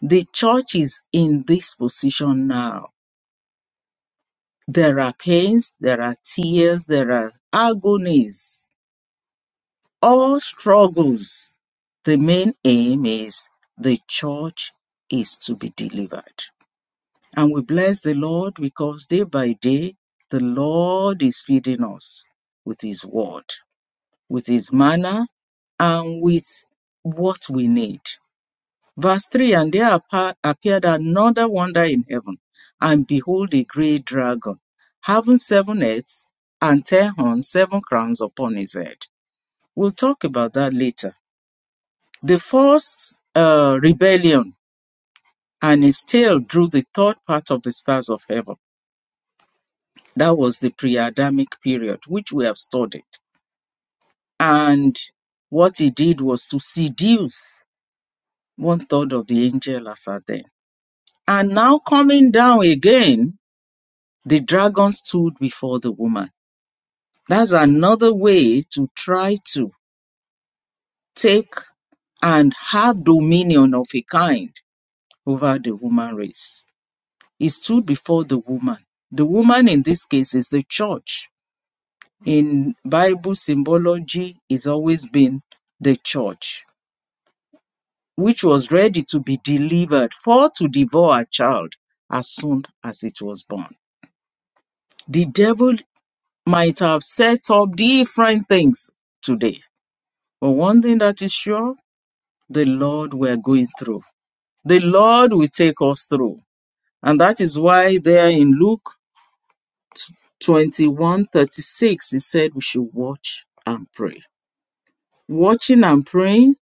Speaker 2: The church is in this position now. There are pains, there are tears, there are agonies all struggles, the main aim is the church is to be delivered. And we bless the Lord because day by day, the Lord is feeding us with His word, with His manna, and with what we need. Verse 3 And there appeared another wonder in heaven, and behold, a great dragon, having seven heads and ten horns, seven crowns upon his head. We'll talk about that later. The first uh, rebellion, and it still drew the third part of the stars of heaven. That was the pre Adamic period, which we have studied. And what he did was to seduce one third of the angels. as at then. And now coming down again, the dragon stood before the woman. That's another way to try to take and have dominion of a kind over the human race He stood before the woman. The woman in this case is the church. In Bible symbology, it's always been the church, which was ready to be delivered for to devour a child as soon as it was born. The devil might have set up different things today, but one thing that is sure the Lord we're going through. The Lord will take us through. And that is why, there in Luke 21:36 he said we should watch and pray watching and praying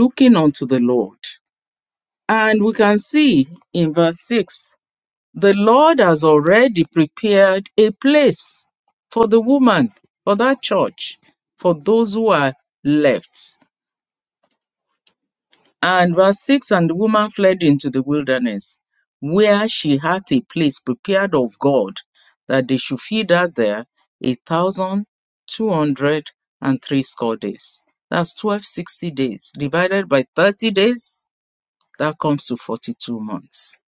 Speaker 2: looking unto the lord and we can see in verse 6 the lord has already prepared a place for the woman for that church for those who are left And verse 6 And the woman fled into the wilderness, where she had a place prepared of God that they should feed her there a thousand two hundred and threescore days. That's 1260 days divided by 30 days. That comes to 42 months.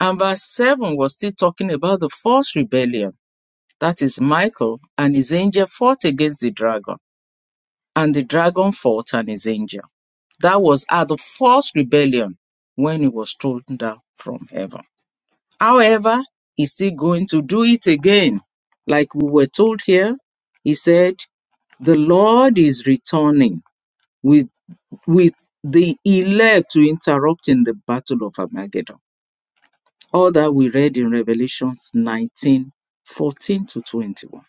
Speaker 2: And verse 7 was still talking about the first rebellion. That is Michael and his angel fought against the dragon, and the dragon fought and his angel. That was at the first rebellion when he was thrown down from heaven. However, he's still going to do it again. Like we were told here, he said, The Lord is returning with, with the elect to interrupt in the battle of Armageddon. All that we read in Revelations 19 14 to 21.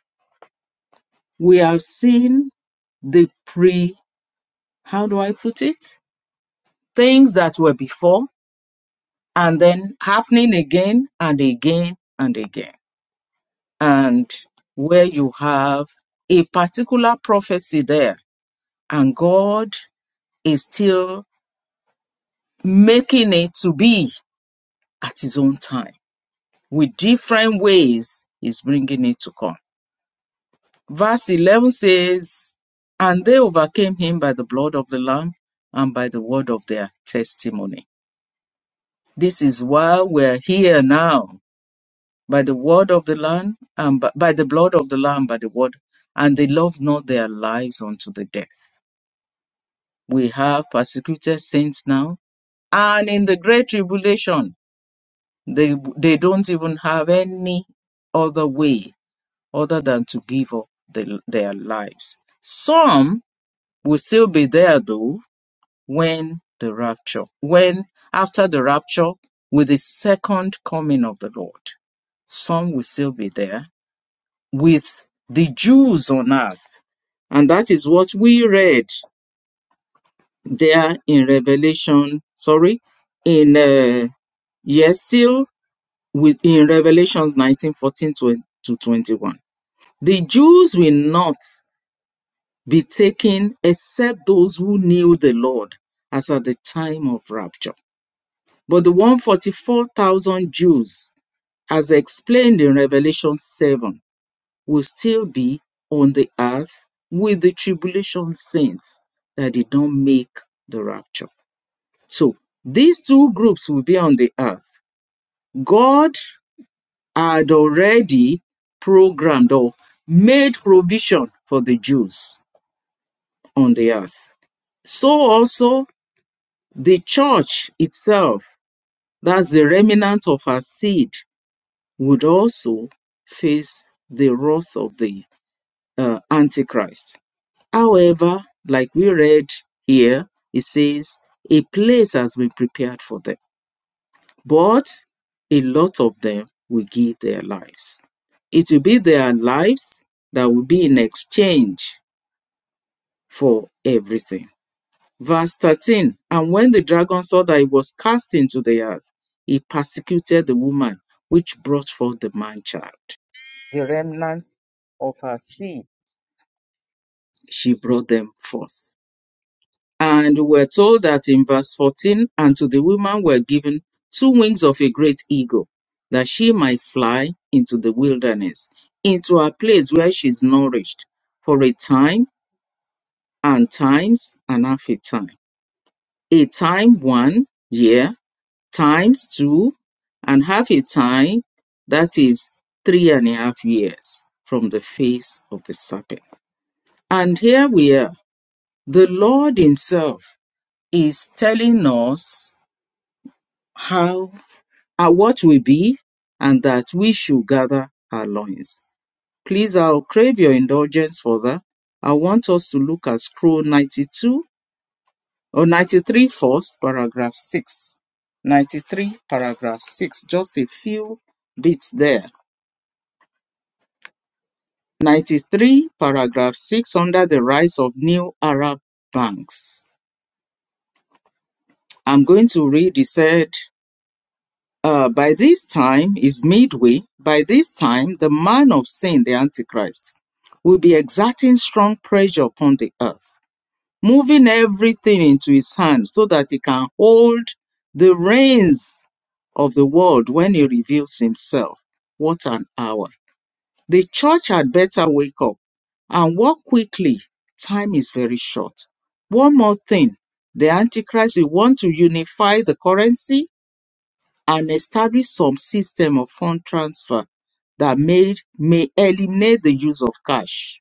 Speaker 2: We have seen the pre, how do I put it? Things that were before and then happening again and again and again. And where you have a particular prophecy there, and God is still making it to be at His own time with different ways He's bringing it to come. Verse 11 says, And they overcame him by the blood of the Lamb and by the word of their testimony. This is why we're here now by the word of the Lamb, and b- by the blood of the Lamb, by the word, and they love not their lives unto the death. We have persecuted saints now, and in the great tribulation, they they don't even have any other way other than to give up the, their lives. Some will still be there though when the rapture, when after the rapture, with the second coming of the Lord, some will still be there with the Jews on earth. And that is what we read there in Revelation, sorry, in, uh, yes, still with, in Revelations 19 14 to, to 21. The Jews will not be taken except those who knew the Lord as at the time of rapture. But the 144,000 Jews, as explained in Revelation 7, will still be on the earth with the tribulation saints that did not make the rapture. So these two groups will be on the earth. God had already programmed or made provision for the Jews on the earth. So also the church itself, that's the remnant of her seed, would also face the wrath of the uh, Antichrist. However, like we read here, it says a place has been prepared for them, but a lot of them will give their lives. It will be their lives that will be in exchange for everything. Verse 13 And when the dragon saw that he was cast into the earth, he persecuted the woman which brought forth the man child. The remnant of her seed. She brought them forth. And we're told that in verse 14, and to the woman were given two wings of a great eagle, that she might fly into the wilderness, into a place where she's nourished for a time and times and half a time. A time one year, times two, and half a time, that is three and a half years from the face of the serpent. And here we are. The Lord Himself is telling us how our what we be, and that we should gather our loins. Please, I'll crave your indulgence for that. I want us to look at scroll 92 or 93 first, paragraph 6. 93, paragraph 6, just a few bits there. 93, paragraph 6, under the rise of new Arab banks. I'm going to read, he said, Uh, by this time is midway. By this time, the man of sin, the Antichrist, will be exerting strong pressure upon the earth, moving everything into his hand so that he can hold the reins of the world when he reveals himself. What an hour! The church had better wake up and walk quickly. Time is very short. One more thing the Antichrist will want to unify the currency and establish some system of fund transfer that may, may eliminate the use of cash.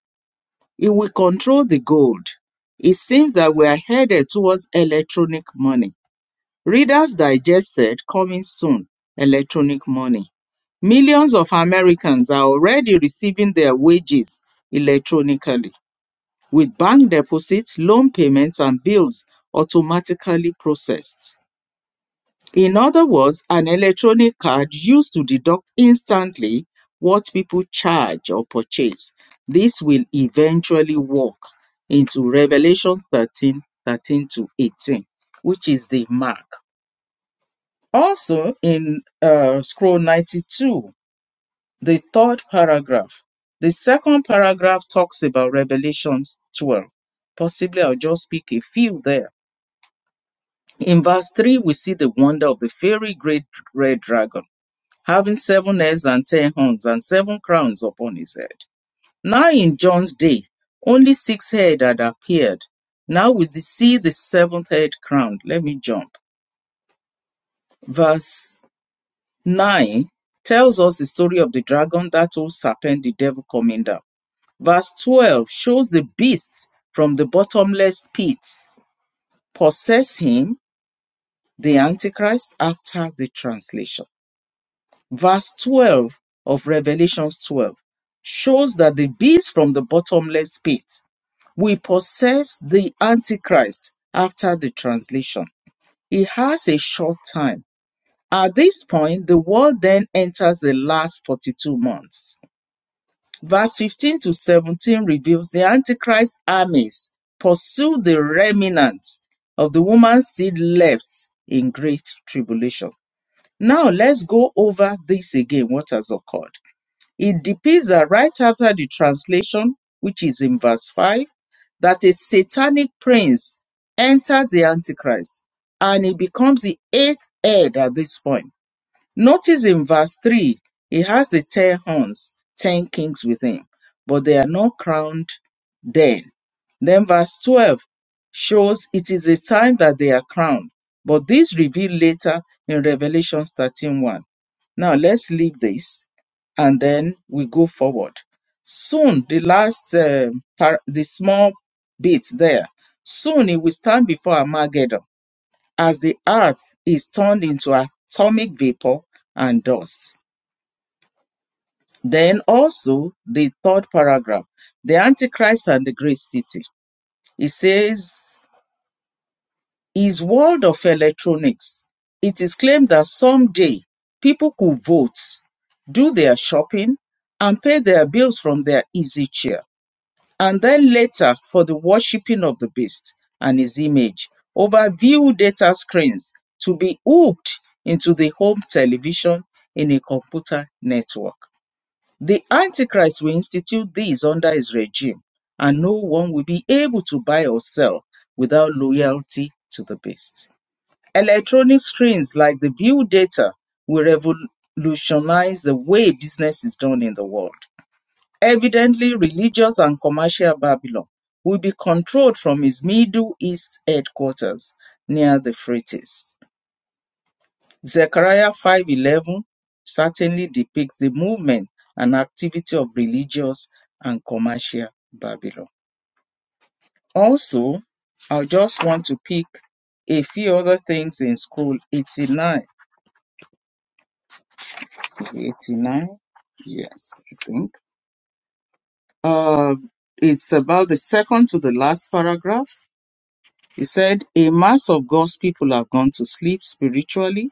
Speaker 2: It will control the gold. It seems that we are headed towards electronic money. Reader's Digest said coming soon, electronic money. Millions of Americans are already receiving their wages electronically, with bank deposits, loan payments, and bills automatically processed. In other words, an electronic card used to deduct instantly what people charge or purchase. This will eventually work into Revelation 13, 13 to 18, which is the mark. Also, in uh, scroll 92, the third paragraph, the second paragraph talks about Revelations 12. Possibly I'll just pick a few there. In verse 3, we see the wonder of the very great red dragon having seven heads and ten horns, and seven crowns upon his head. Now in John's day, only six head had appeared. Now we see the seventh head crowned. Let me jump. Verse 9 tells us the story of the dragon, that old serpent, the devil coming down. Verse 12 shows the beast from the bottomless pits possess him, the Antichrist, after the translation. verse 12 of Revelations 12 shows that the beast from the bottomless pit will possess the Antichrist after the translation. He has a short time. At this point, the world then enters the last 42 months. Verse 15 to 17 reveals the Antichrist armies pursue the remnant of the woman's seed left in great tribulation. Now let's go over this again, what has occurred. It depicts that right after the translation, which is in verse 5, that a satanic prince enters the Antichrist and he becomes the eighth head at this point. Notice in verse 3, he has the ten horns, ten kings with him, but they are not crowned then. Then verse 12 shows it is the time that they are crowned, but this revealed later in Revelation thirteen one. Now let's leave this and then we go forward. Soon, the last, uh, par- the small bit there, soon it will stand before Armageddon as the earth is turned into atomic vapor and dust. Then also the third paragraph, the Antichrist and the great city. It says is world of electronics. It is claimed that someday people could vote, do their shopping, and pay their bills from their easy chair, and then later for the worshipping of the beast and his image over view data screens to be hooked into the home television in a computer network. The Antichrist will institute these under his regime, and no one will be able to buy or sell without loyalty to the beast. Electronic screens like the View Data will revolutionize the way business is done in the world. Evidently, religious and commercial Babylon will be controlled from its Middle East headquarters near the Euphrates. Zechariah 5:11 certainly depicts the movement and activity of religious and commercial Babylon. Also, I just want to pick a few other things in scroll 89 89 yes i think uh it's about the second to the last paragraph he said a mass of god's people have gone to sleep spiritually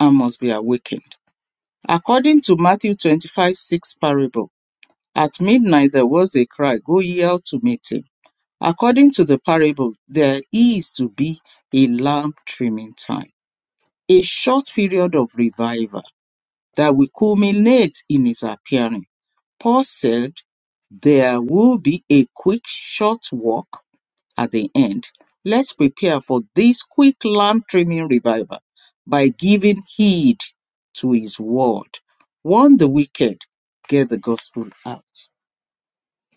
Speaker 2: and must be awakened according to matthew 25 6 parable at midnight there was a cry go ye out to meet him according to the parable there is to be a lamp trimming time a short period of revival that will culminate in his appearing Paul said, There will be a quick, short walk at the end. Let's prepare for this quick lamb trimming revival by giving heed to his word. Warn the wicked, get the gospel out.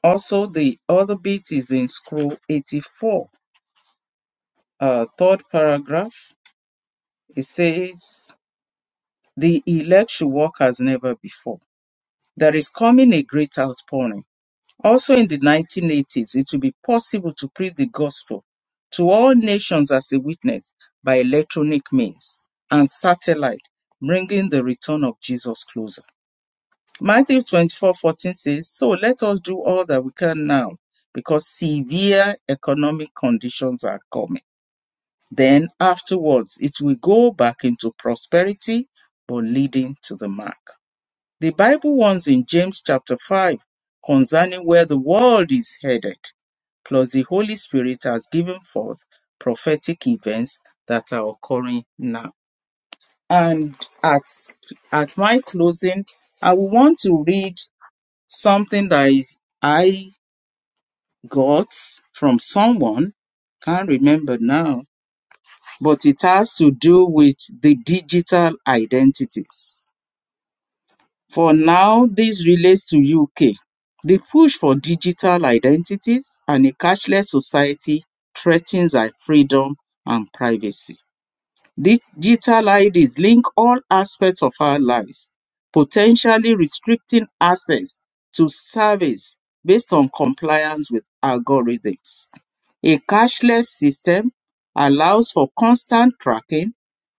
Speaker 2: Also, the other bit is in scroll 84, uh, third paragraph. It says, The elect should walk as never before. There is coming a great outpouring Also in the 1980s, it will be possible to preach the gospel to all nations as a witness by electronic means and satellite, bringing the return of Jesus closer. Matthew 24:14 says, So let us do all that we can now, because severe economic conditions are coming. Then afterwards, it will go back into prosperity, but leading to the mark. The Bible warns in James chapter 5 concerning where the world is headed. Plus, the Holy Spirit has given forth prophetic events that are occurring now. And at, at my closing, I will want to read something that I I got from someone. Can't remember now, but it has to do with the digital identities For now, this relates to UK. The push for digital identities and a cashless society threatens our freedom and privacy. Digital IDs link all aspects of our lives, potentially restricting access to service based on compliance with algorithms. A cashless system allows for constant tracking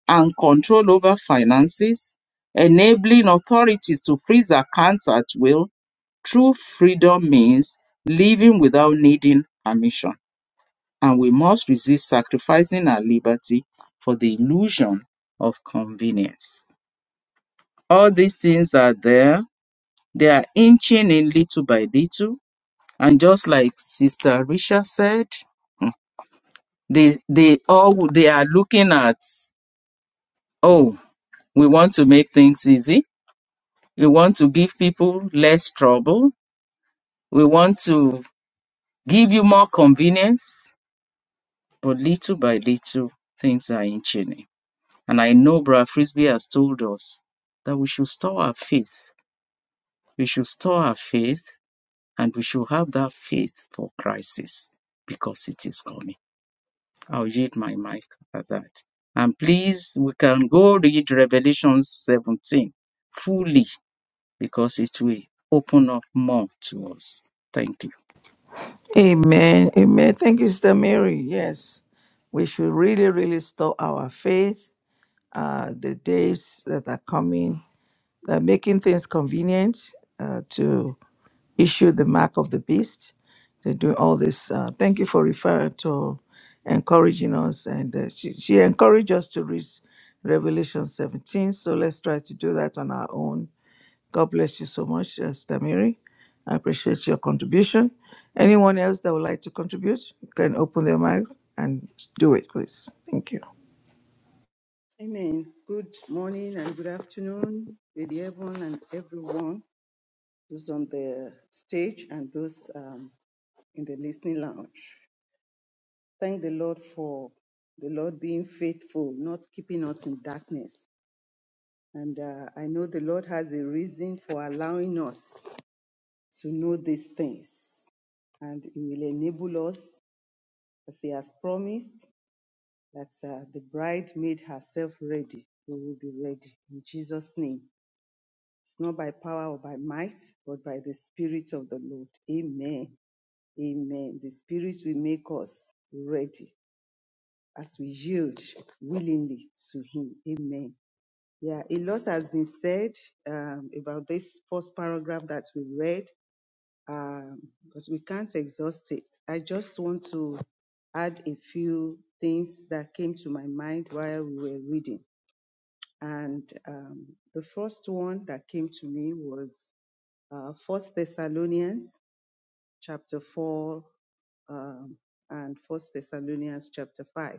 Speaker 2: and control over finances, enabling authorities to freeze accounts at will. True freedom means living without needing permission, and we must resist sacrificing our liberty for the illusion of convenience. All these things are there. They are inching in little by little. And just like Sister Risha said, they, they all they are looking at, oh, we want to make things easy We want to give people less trouble. We want to give you more convenience. But little by little, things are inching. And I know Brother Frisbee has told us that we should store our faith. We should store our faith and we should have that faith for crisis because it is coming. I'll yield my mic at that. And please, we can go read Revelation 17 fully because it will open up more to us. Thank you.
Speaker 1: Amen. Amen. Thank you, Sister Mary. Yes, we should really, really store our faith uh, the days that are coming, uh, making things convenient uh, to issue the mark of the beast. They do all this. Uh, thank you for referring to encouraging us, and uh, she, she encouraged us to read Revelation 17. So let's try to do that on our own. God bless you so much, uh, Sister I appreciate your contribution. Anyone else that would like to contribute can open their mic and do it, please. Thank you.
Speaker 6: Amen. Good morning and good afternoon, Lady Evan and everyone, those on the stage and those um, in the listening lounge. Thank the Lord for the Lord being faithful, not keeping us in darkness. And uh, I know the Lord has a reason for allowing us to know these things. And He will enable us, as He has promised, that uh, the bride made herself ready. We will be ready. In Jesus' name. It's not by power or by might, but by the Spirit of the Lord. Amen. Amen. The Spirit will make us ready as we yield willingly to Him. Amen. Yeah, a lot has been said um, about this first paragraph that we read, um, but we can't exhaust it. I just want to add a few things that came to my mind while we were reading. And um, the first one that came to me was uh, First Thessalonians chapter 4 um, and First Thessalonians chapter 5.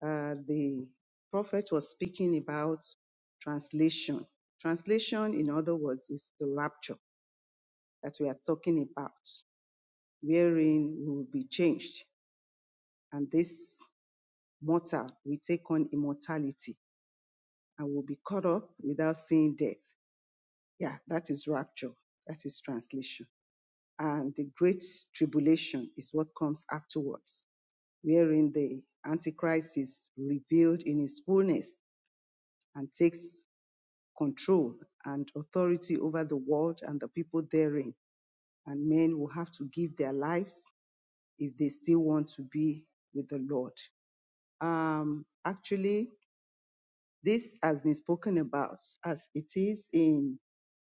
Speaker 6: Uh, the prophet was speaking about translation. Translation, in other words, is the rapture that we are talking about, wherein we will be changed, and this mortal will take on immortality and will be caught up without seeing death. Yeah, that is rapture. That is translation. and the great tribulation is what comes afterwards, wherein the Antichrist is revealed in his fullness and takes control and authority over the world and the people therein. And men will have to give their lives if they still want to be with the Lord. Um, actually, this has been spoken about as it is in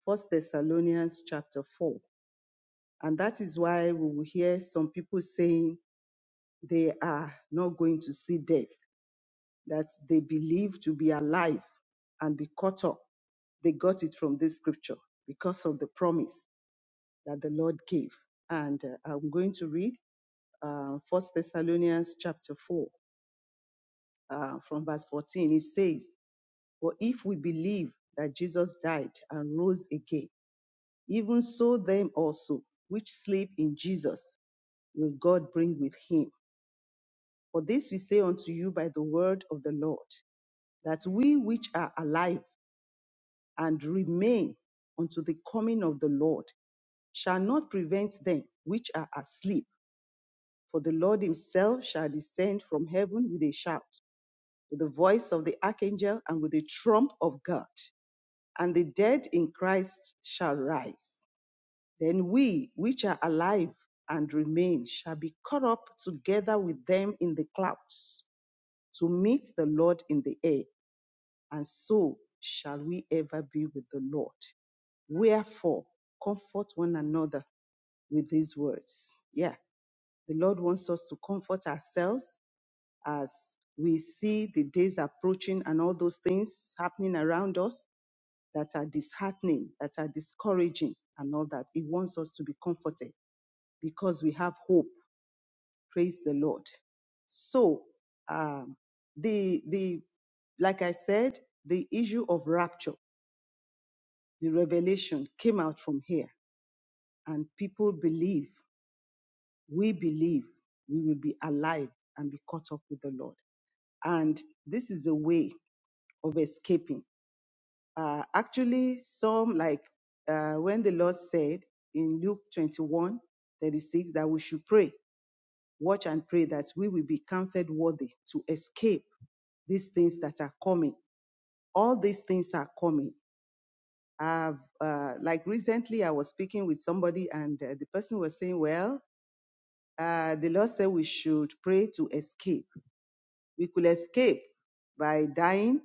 Speaker 6: First Thessalonians chapter 4. And that is why we will hear some people saying they are not going to see death, that they believe to be alive and be caught up. They got it from this scripture because of the promise that the Lord gave. And uh, I'm going to read uh, 1 Thessalonians chapter 4 uh, from verse 14. It says, For if we believe that Jesus died and rose again, even so them also which sleep in Jesus will God bring with him. For this we say unto you by the word of the Lord that we which are alive and remain unto the coming of the Lord shall not prevent them which are asleep. For the Lord himself shall descend from heaven with a shout, with the voice of the archangel, and with the trump of God. And the dead in Christ shall rise. Then we which are alive and remain shall be caught up together with them in the clouds to meet the Lord in the air. And so shall we ever be with the Lord. Wherefore, comfort one another with these words. Yeah, the Lord wants us to comfort ourselves as we see the days approaching and all those things happening around us that are disheartening, that are discouraging, and all that. He wants us to be comforted because we have hope. Praise the Lord. So, um, the the like I said, the issue of rapture, the revelation came out from here, and people believe we believe we will be alive and be caught up with the Lord. And this is a way of escaping. Uh, actually, some like uh, when the Lord said in Luke 21 36 that we should pray, watch and pray that we will be counted worthy to escape these things that are coming. All these things are coming. I've, uh, like recently, I was speaking with somebody, and uh, the person was saying, Well, uh, the Lord said we should pray to escape. we could escape by dying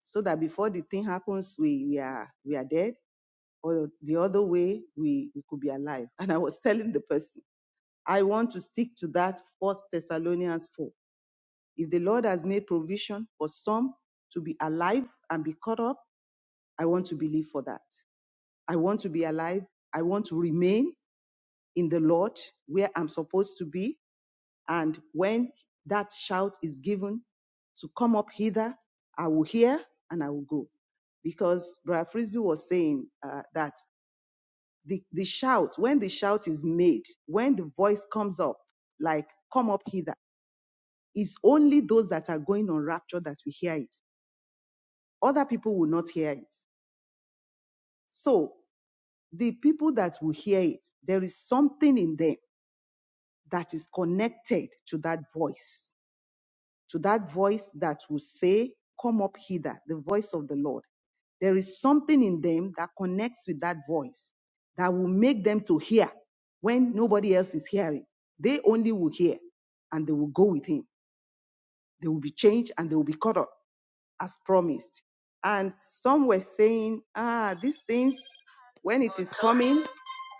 Speaker 6: so that before the thing happens we, we are we are dead or the other way we, we could be alive and i was telling the person i want to stick to that first thessalonians 4 if the lord has made provision for some to be alive and be caught up i want to believe for that i want to be alive i want to remain in the lord where i'm supposed to be And when that shout is given to come up hither, I will hear and I will go. Because Brother Frisbee was saying uh, that the, the shout, when the shout is made, when the voice comes up, like, come up hither, it's only those that are going on rapture that will hear it. Other people will not hear it. So the people that will hear it, there is something in them that is connected to that voice to that voice that will say, Come up hither, the voice of the Lord. There is something in them that connects with that voice that will make them to hear when nobody else is hearing. They only will hear and they will go with him. They will be changed and they will be caught up as promised. And some were saying, ah, these things, when it is coming,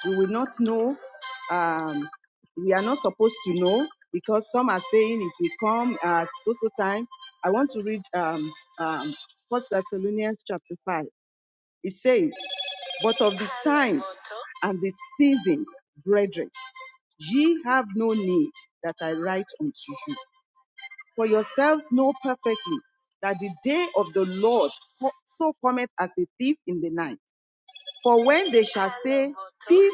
Speaker 6: we will not know. Um, we are not supposed to know because some are saying it will come at so so time. I want to read um, um, 1 Thessalonians chapter 5. It says, But of the times and the seasons, brethren, ye have no need that I write unto you for yourselves know perfectly that the day of the Lord co- so cometh as a thief in the night. For when they shall say, Peace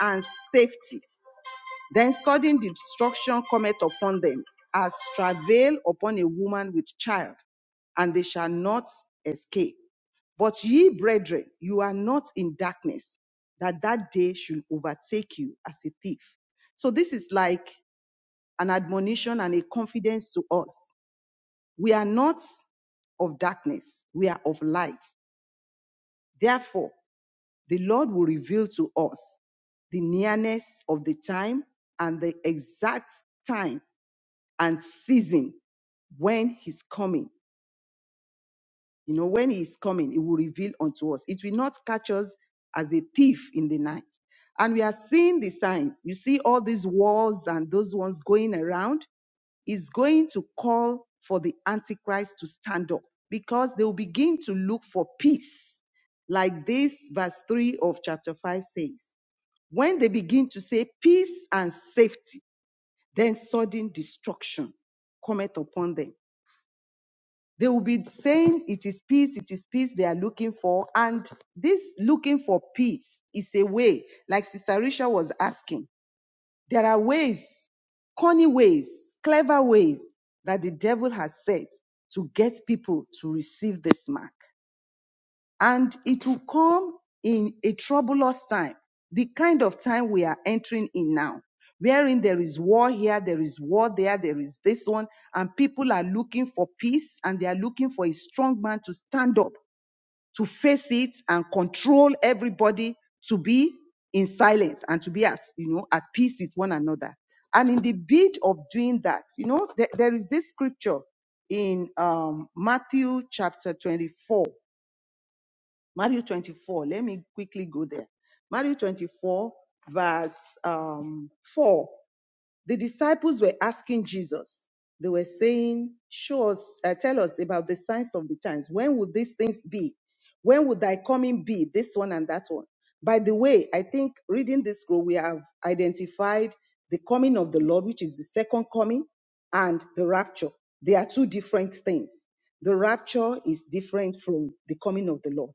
Speaker 6: and safety, then sudden destruction cometh upon them, as travail upon a woman with child, and they shall not escape. But ye, brethren, you are not in darkness, that that day should overtake you as a thief. So this is like an admonition and a confidence to us we are not of darkness, we are of light. Therefore, the Lord will reveal to us the nearness of the time and the exact time and season when He's coming. You know, when He is coming, it will reveal unto us. It will not catch us as a thief in the night. And we are seeing the signs. You see all these wars and those ones going around is going to call for the Antichrist to stand up because they will begin to look for peace, like this verse 3 of chapter 5 says. When they begin to say peace and safety, then sudden destruction cometh upon them. They will be saying it is peace, it is peace they are looking for. And this looking for peace is a way, like Sister Risha was asking, there are ways, corny ways, clever ways that the devil has set to get people to receive this mark. And it will come in a troublous time, the kind of time we are entering in now, wherein there is war here, there is war there, there is this one, and people are looking for peace and they are looking for a strong man to stand up to face it and control everybody to be in silence and to be at you know at peace with one another and in the bid of doing that you know there there is this scripture in um matthew chapter 24 matthew 24 let me quickly go there matthew 24 verse um 4 the disciples were asking Jesus. They were saying, "Show us, uh, tell us about the signs of the times. When would these things be? When would thy coming be? This one and that one." By the way, I think reading this scroll, we have identified the coming of the Lord, which is the second coming, and the rapture. They are two different things. The rapture is different from the coming of the Lord.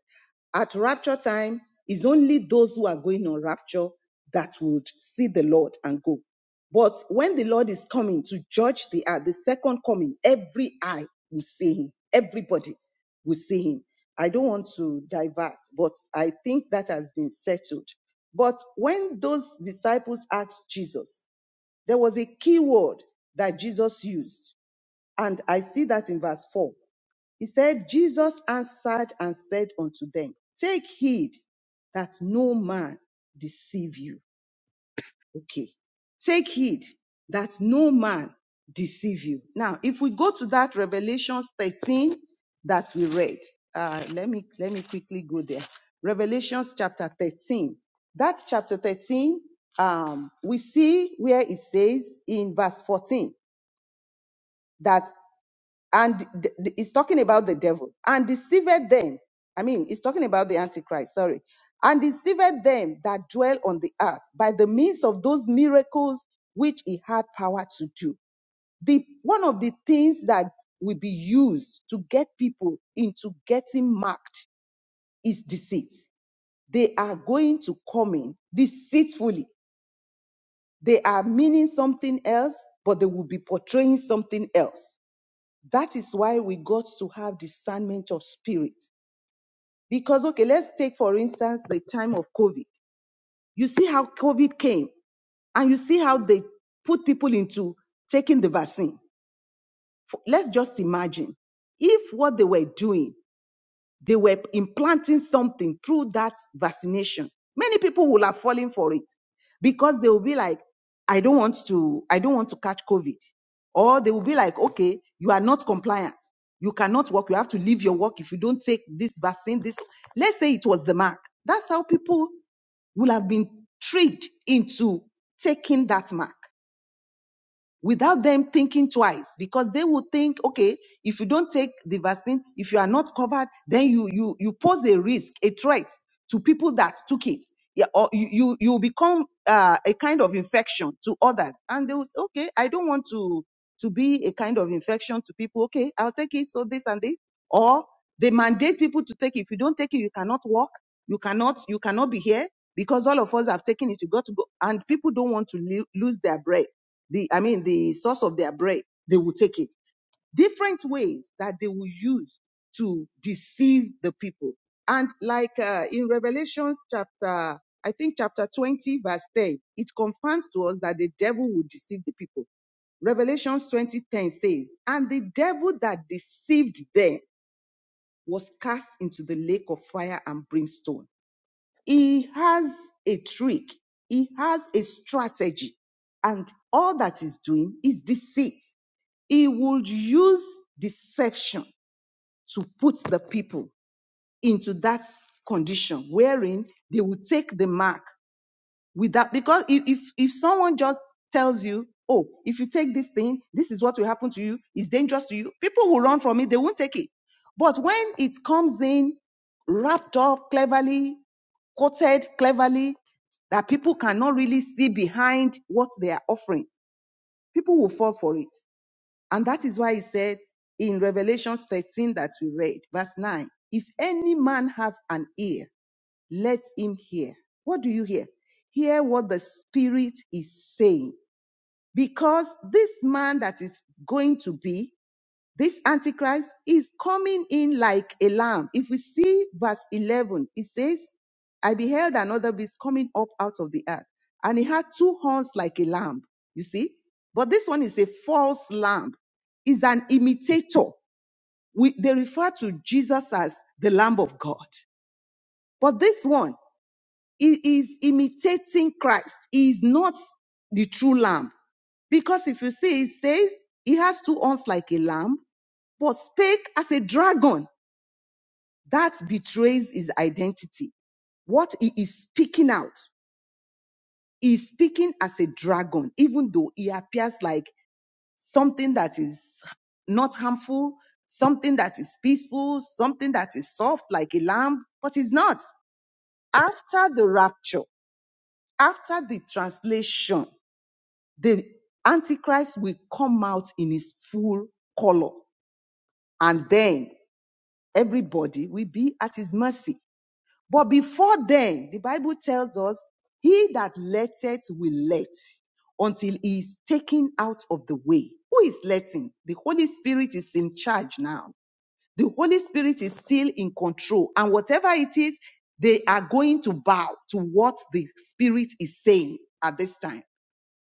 Speaker 6: At rapture time, it's only those who are going on rapture that would see the Lord and go. But when the Lord is coming to judge the earth, the second coming, every eye will see him. Everybody will see him. I don't want to divert, but I think that has been settled. But when those disciples asked Jesus, there was a key word that Jesus used. And I see that in verse 4. He said, Jesus answered and said unto them, Take heed that no man deceive you. Okay. Take heed that no man deceive you. Now, if we go to that Revelation 13 that we read, uh, let me let me quickly go there. Revelations chapter 13. That chapter 13, um, we see where it says in verse 14 that and th- th- it's talking about the devil and deceived them i mean it's talking about the antichrist sorry and deceived them that dwell on the earth by the means of those miracles which he had power to do the one of the things that will be used to get people into getting marked is deceit they are going to come in deceitfully they are meaning something else but they will be portraying something else that is why we got to have discernment of spirit. Because, okay, let's take, for instance, the time of COVID. You see how COVID came and you see how they put people into taking the vaccine. Let's just imagine if what they were doing they were implanting something through that vaccination. Many people will have fallen for it because they will be like, I don't want to, I don't want to catch COVID. Or they will be like, okay, you are not compliant. You cannot work. You have to leave your work if you don't take this vaccine. This, let's say it was the mark. That's how people will have been tricked into taking that mark without them thinking twice because they will think okay if you don't take the vaccine if you are not covered then you you you pose a risk a threat to people that took it yeah, or you you you become uh, a kind of infection to others and they will say, okay i don't want to to be a kind of infection to people okay i'll take it so this and this or they mandate people to take it if you don't take it you cannot walk you cannot you cannot be here because all of us have taken it you got to go and people don't want to lo- lose their bread the I mean the source of their bread, they will take it. Different ways that they will use to deceive the people. And like uh, in Revelations chapter, I think chapter 20, verse 10, it confirms to us that the devil will deceive the people. Revelations 20 10 says, And the devil that deceived them was cast into the lake of fire and brimstone. He has a trick, he has a strategy and all that he's doing is deceit. He would use deception to put the people into that condition wherein they will take the mark without, because if, if, if someone just tells you, oh, if you take this thing, this is what will happen to you, it's dangerous to you, people will run from it, they won't take it. But when it comes in wrapped up cleverly, quoted cleverly, that people cannot really see behind what they are offering, people will fall for it. And that is why he said in Revelation 13 that we read, verse 9, if any man have an ear, let him hear. What do you hear? Hear what the Spirit is saying. Because this man that is going to be this Antichrist is coming in like a lamb. If we see verse 11, it says, I beheld another beast coming up out of the earth, and he had two horns like a lamb. You see? But this one is a false lamb, is an imitator. We, they refer to Jesus as the Lamb of God. But this one he is imitating Christ, he is not the true lamb. Because if you see, it says he has two horns like a lamb but spake as a dragon. That betrays his identity. What he is speaking out, he is speaking as a dragon, even though he appears like something that is not harmful, something that is peaceful, something that is soft like a lamb, but he's not. After the rapture, after the translation, the Antichrist will come out in his full color, and then everybody will be at his mercy. But before then, the Bible tells us, he that letteth will let until he is taken out of the way. Who is letting? The Holy Spirit is in charge now. The Holy Spirit is still in control. And whatever it is, they are going to bow to what the Spirit is saying at this time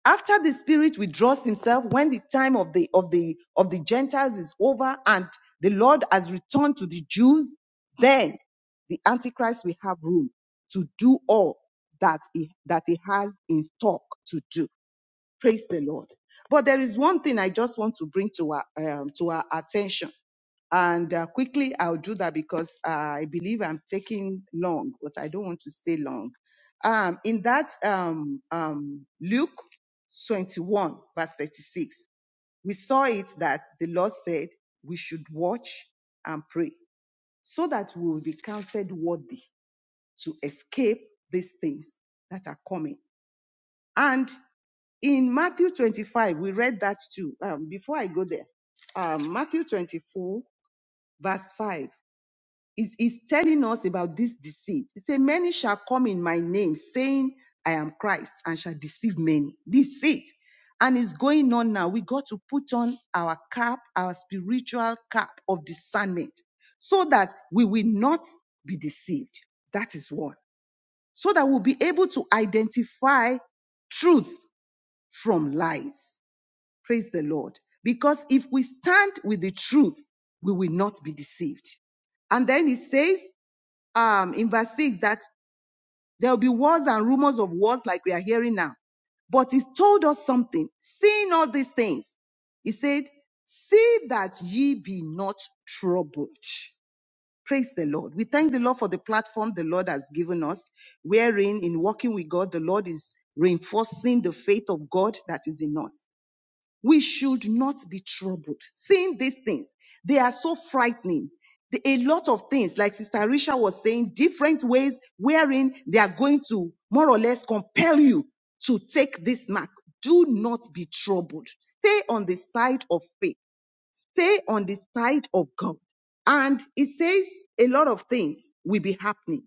Speaker 6: after the spirit withdraws himself when the time of the of the of the gentiles is over and the lord has returned to the jews then the antichrist will have room to do all that he that he has in stock to do Praise the Lord. But there is one thing I just want to bring to our, um, to our attention. And uh, quickly, I'll do that because uh, I believe I'm taking long, but I don't want to stay long. Um, in that um, um, Luke 21, verse 36, we saw it that the Lord said we should watch and pray so that we will be counted worthy to escape these things that are coming. And in Matthew 25, we read that too. Um, before I go there, um, Matthew 24, verse 5, is, is telling us about this deceit. It says, Many shall come in my name, saying, I am Christ, and shall deceive many. Deceit. And it's going on now. We got to put on our cap, our spiritual cap of discernment, so that we will not be deceived. That is one. So that we'll be able to identify truth from lies. Praise the Lord. Because if we stand with the truth, we will not be deceived. And then he says um, in verse 6 that there will be wars and rumors of wars like we are hearing now. But he told us something. Seeing all these things, he said, See that ye be not troubled. Praise the Lord. We thank the Lord for the platform the Lord has given us, wherein in walking with God, the Lord is reinforcing the faith of God that is in us we should not be troubled. Seeing these things, they are so frightening. The- a lot of things, like Sister Risha was saying, different ways wherein they are going to more or less compel you to take this mark. Do not be troubled. Stay on the side of faith. Stay on the side of God. And it says a lot of things will be happening.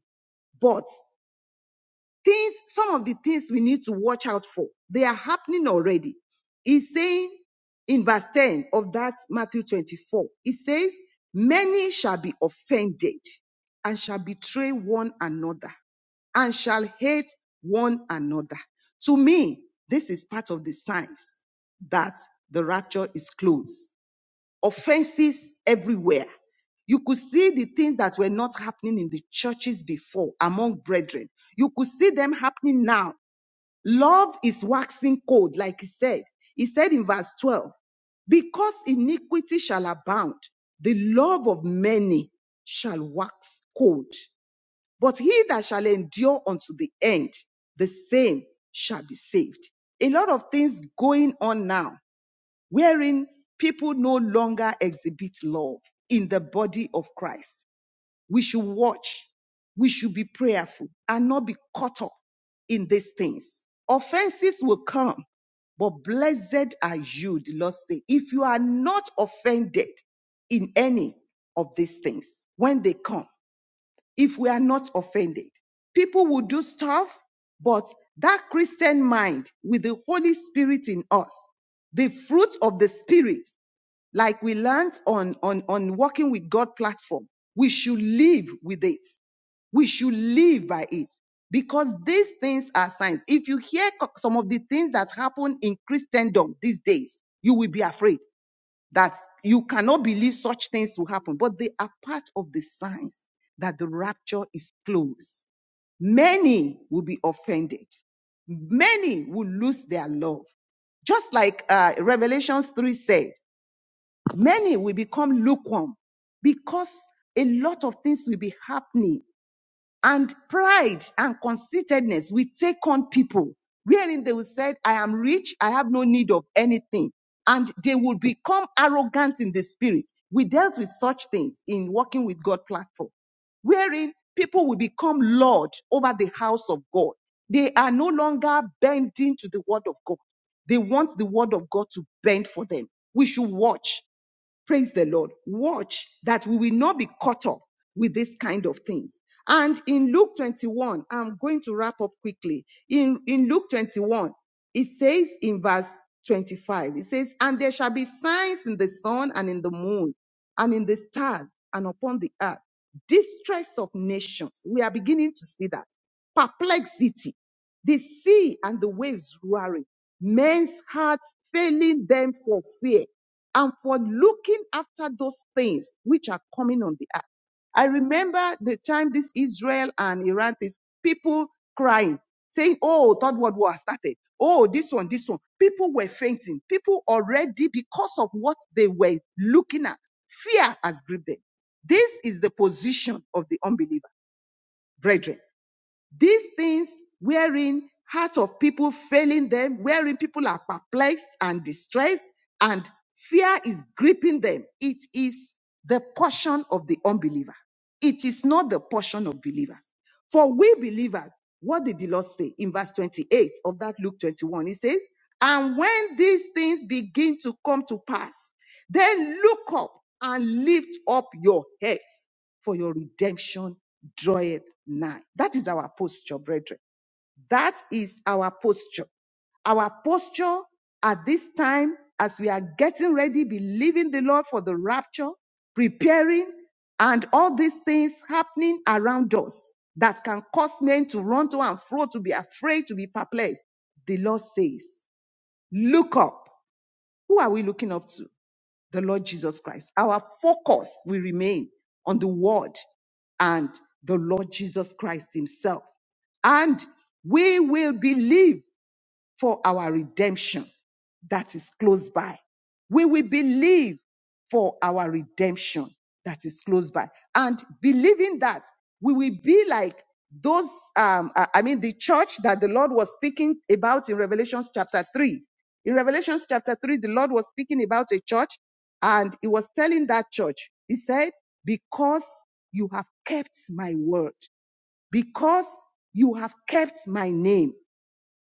Speaker 6: but. Things, some of the things we need to watch out for, they are happening already. He's saying in verse 10 of that Matthew 24, he says, Many shall be offended and shall betray one another and shall hate one another. To me, this is part of the signs that the rapture is close offenses everywhere. You could see the things that were not happening in the churches before among brethren. You could see them happening now. Love is waxing cold, like he said. He said in verse 12, because iniquity shall abound, the love of many shall wax cold. But he that shall endure unto the end, the same shall be saved. A lot of things going on now wherein people no longer exhibit love in the body of Christ. We should watch. We should be prayerful and not be caught up in these things. Offenses will come, but blessed are you, the Lord said, if you are not offended in any of these things when they come if we are not offended. People will do stuff, but that Christian mind with the Holy Spirit in us, the fruit of the Spirit, like we learned on, on, on walking with God platform, we should live with it. We should live by it because these things are signs. If you hear some of the things that happen in Christendom these days, you will be afraid that you cannot believe such things will happen, but they are part of the signs that the rapture is close. Many will be offended. Many will lose their love. Just like uh, Revelations 3 said, many will become lukewarm because a lot of things will be happening and pride and conceitedness will take on people wherein they will say i am rich i have no need of anything and they will become arrogant in the spirit we dealt with such things in working with god platform wherein people will become lord over the house of god they are no longer bending to the word of god they want the word of god to bend for them we should watch Praise the Lord. Watch that we will not be caught up with this kind of things. And in Luke 21, I'm going to wrap up quickly. In, in Luke 21, it says in verse 25, it says, And there shall be signs in the sun and in the moon and in the stars and upon the earth, distress of nations. We are beginning to see that. Perplexity the sea and the waves roaring, men's hearts failing them for fear and for looking after those things which are coming on the earth. I remember the time this Israel and Iran, these people crying, saying, Oh, third world war has started. Oh, this one, this one. People were fainting. People already, because of what they were looking at, fear has gripped them. This is the position of the unbeliever, brethren. These things wherein heart of people failing them, wherein people are perplexed and distressed, and fear is gripping them. It is the portion of the unbeliever. It is not the portion of believers. For we believers, what did the Lord say in verse 28 of that Luke 21? He says, And when these things begin to come to pass, then look up and lift up your heads for your redemption draweth nigh. That is our posture, brethren. That is our posture. Our posture at this time, as we are getting ready, believing the Lord for the rapture, preparing, and all these things happening around us that can cause men to run to and fro, to be afraid, to be perplexed. The Lord says, Look up. Who are we looking up to? the Lord Jesus Christ. Our focus will remain on the Word and the Lord Jesus Christ Himself. And we will believe for our redemption that is close by. We will believe for our redemption that is close by. And believing that, we will be like those, um, I I mean, the church that the Lord was speaking about in Revelation chapter 3. In Revelation chapter 3, the Lord was speaking about a church and he was telling that church, he said, because you have kept my word, because you have kept my name.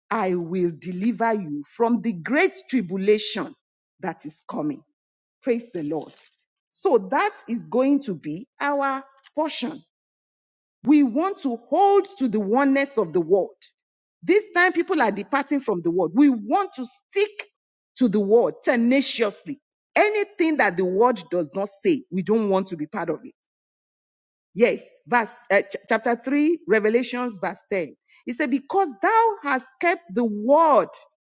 Speaker 6: I will deliver you from the great tribulation that is coming. Praise the Lord. So that is going to be our portion. We want to hold to the oneness of the word. This time people are departing from the word. We want to stick to the word tenaciously. Anything that the word does not say, we don't want to be part of it. Yes, verse uh, ch- chapter 3, Revelations verse 10. He said, Because thou hast kept the word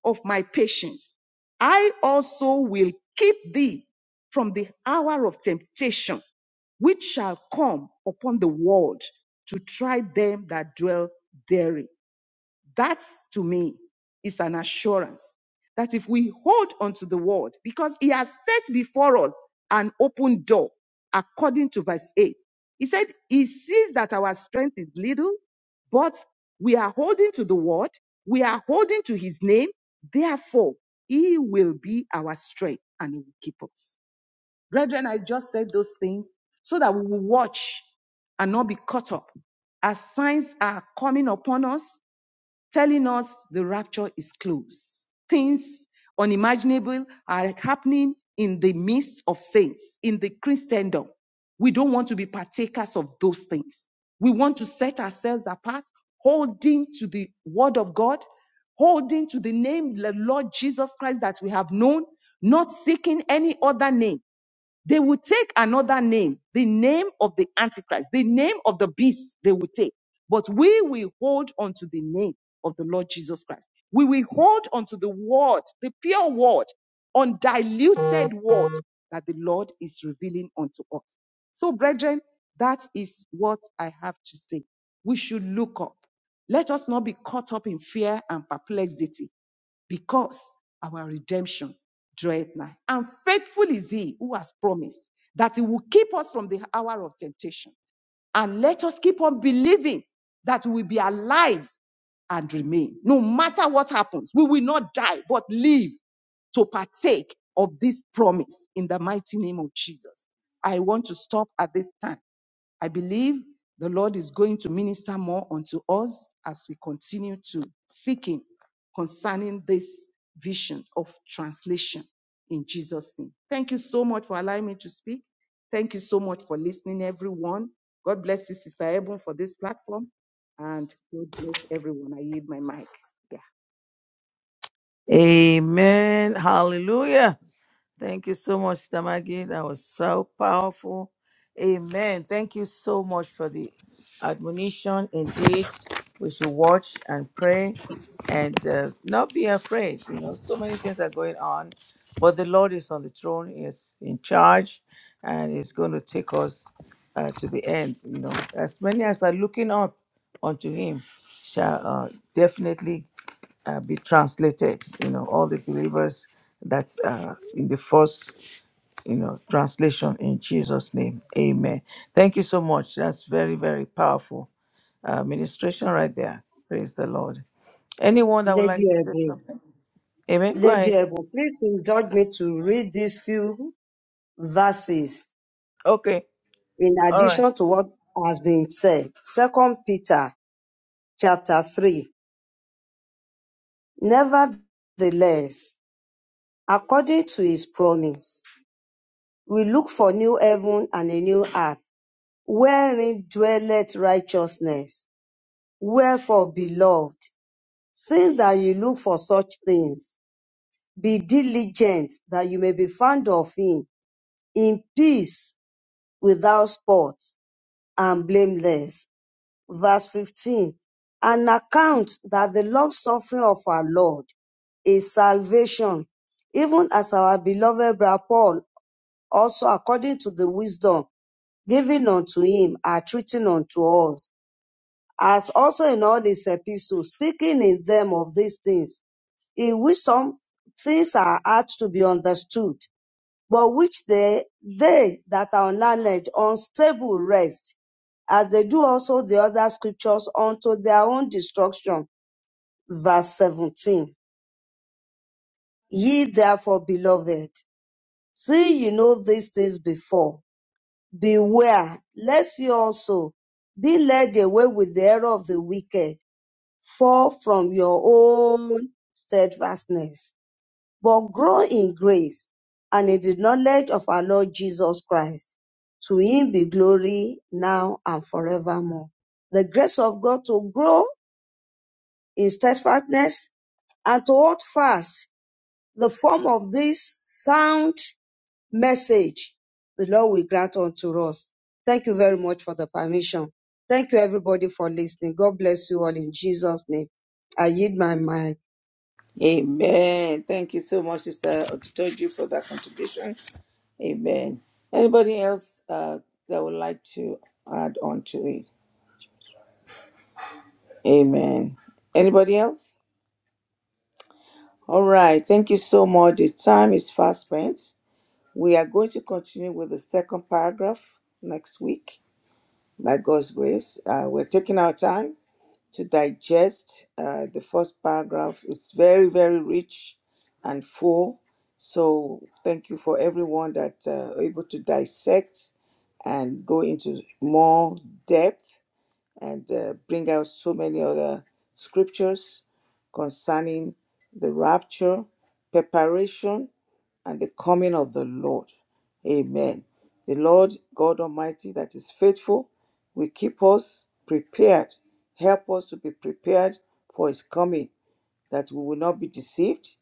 Speaker 6: of my patience, I also will keep thee from the hour of temptation, which shall come upon the world to try them that dwell therein. That to me is an assurance that if we hold onto the word, because he has set before us an open door, according to verse 8, he said, He sees that our strength is little, but we are holding to the word, we are holding to his name, therefore, he will be our strength and he will keep us. Brethren, I just said those things so that we will watch and not be caught up as signs are coming upon us, telling us the rapture is close. Things unimaginable are happening in the midst of saints, in the Christendom. We don't want to be partakers of those things. We want to set ourselves apart, holding to the word of God, holding to the name, the Lord Jesus Christ that we have known, not seeking any other name they will take another name, the name of the Antichrist, the name of the beast they will take. But we will hold on to the name of the Lord Jesus Christ. We will hold on to the word, the pure word, undiluted word that the Lord is revealing unto us. So, brethren, that is what I have to say. We should look up. Let us not be caught up in fear and perplexity because our redemption draweth nigh. And faithful is he who has promised that he will keep us from the hour of temptation. And let us keep on believing that we will be alive and remain. No matter what happens, we will not die, but live to partake of this promise in the mighty name of Jesus. I want to stop at this time. I believe the Lord is going to minister more unto us as we continue to seek Him concerning this vision of translation in Jesus' name. Thank you so much for allowing me to speak. Thank you so much for listening, everyone. God bless you, Sister Ebon, for this platform. And God bless everyone. I yield my mic.
Speaker 1: Amen. Hallelujah. Thank you so much, Tamagi. That was so powerful. Amen. Thank you so much for the admonition. Indeed, we should watch and pray and uh, not be afraid. You know, so many things are going on, but the Lord is on the throne, He is in charge, and He's going to take us uh, to the end. You know, as many as are looking up unto Him shall uh, definitely uh, be translated. You know, all the believers that uh, in the first, you know, translation in Jesus' name. Amen. Thank you so much. That's very, very powerful uh, ministration right there. Praise the Lord. Anyone that would
Speaker 5: Lady
Speaker 1: like to say
Speaker 5: Ebony,
Speaker 1: something? Amen. Go
Speaker 5: Lady
Speaker 1: ahead.
Speaker 5: Ebony, please indulge me to read these few verses
Speaker 1: Okay.
Speaker 5: in
Speaker 1: All right.
Speaker 5: addition to what has been said. Second Peter chapter three. Nevertheless, according to his promise, we look for new heaven and a new earth, wherein dwelleth righteousness. Wherefore, beloved, since that you look for such things, be diligent that you may be found of him in peace, without spot, and blameless. Verse 15. An account that the long suffering of our Lord is salvation, even as our beloved brother Paul also according to the wisdom given unto him are treating unto us, as also in all his epistles, speaking in them of these things, in which some things are hard to be understood, but which they, they that are on land unstable rest, as they do also the other scriptures unto their own destruction. Verse 17. Ye therefore, beloved, seeing ye know these things before. Beware, lest ye also be led away with the error of the wicked, fall from your own steadfastness but grow in grace and in the knowledge of our Lord Jesus Christ. To him be glory now and forevermore. The grace of God to grow in steadfastness and to hold fast the form of this sound message the Lord will grant unto us. Thank you very much for the permission. Thank you everybody for listening. God bless you all in Jesus' name. I yield my mind.
Speaker 1: Amen. Thank you so much, Sister Otitoju, for that contribution. Amen. Anybody else uh, that would like to add on to it? Amen. Anybody else? All right, thank you so much. The time is fast spent. We are going to continue with the second paragraph next week by God's grace. Uh, we're taking our time to digest uh, the first paragraph. It's very, very rich and full. So, thank you for everyone that uh, are able to dissect and go into more depth and uh, bring out so many other scriptures concerning the rapture, preparation, and the coming of the Lord. Amen. The Lord God Almighty, that is faithful, will keep us prepared. Help us to be prepared for His coming, that we will not be deceived,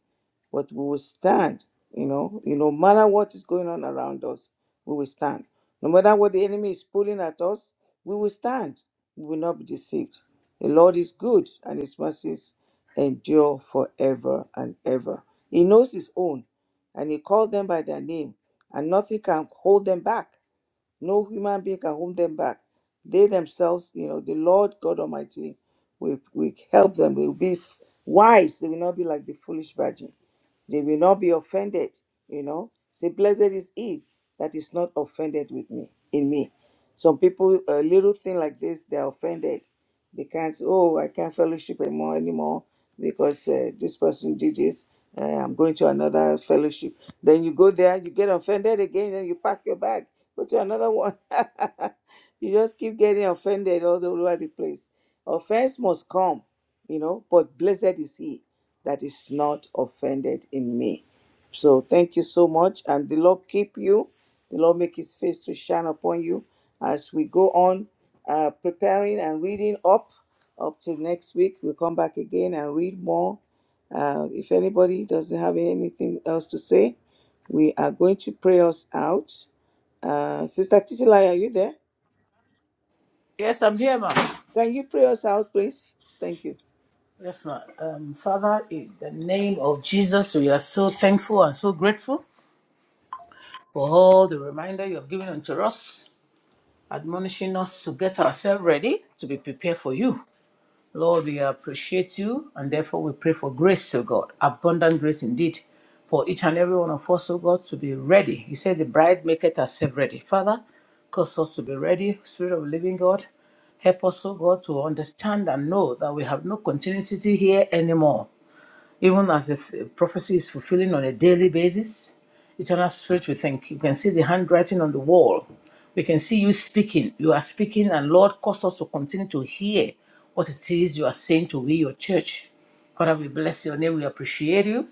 Speaker 1: but we will stand you know you know, no matter what is going on around us we will stand no matter what the enemy is pulling at us we will stand we will not be deceived the lord is good and his mercies endure forever and ever he knows his own and he called them by their name and nothing can hold them back no human being can hold them back they themselves you know the lord god almighty will, will help them they will be wise they will not be like the foolish virgin they will not be offended, you know. Say, blessed is he that is not offended with me, in me. Some people, a little thing like this, they're offended. They can't, say, oh, I can't fellowship anymore, anymore because uh, this person did this. Uh, I'm going to another fellowship. Then you go there, you get offended again, and you pack your bag, go to another one. you just keep getting offended all over the place. Offense must come, you know, but blessed is he that is not offended in me. So thank you so much. And the Lord keep you. The Lord make his face to shine upon you as we go on uh, preparing and reading up up till next week. We'll come back again and read more. Uh, if anybody doesn't have anything else to say, we are going to pray us out. Uh, Sister Titilai, are you there?
Speaker 7: Yes, I'm here, ma'am.
Speaker 1: Can you pray us out, please? Thank you.
Speaker 7: Yes, ma'am. Um, Father, in the name of Jesus, we are so thankful and so grateful for all the reminder you have given unto us, admonishing us to get ourselves ready to be prepared for you. Lord, we appreciate you, and therefore we pray for grace, O God, abundant grace indeed, for each and every one of us, O God, to be ready. You said the bride maketh herself ready. Father, cause us to be ready, Spirit of the living God. Help us, O God, to understand and know that we have no continuity here anymore even as the f- prophecy is fulfilling on a daily basis. Eternal Spirit, we thank you. You can see the handwriting on the wall. We can see you speaking. You are speaking, and Lord, cause us to continue to hear what it is you are saying to we, your church. Father, we bless your name. We appreciate you.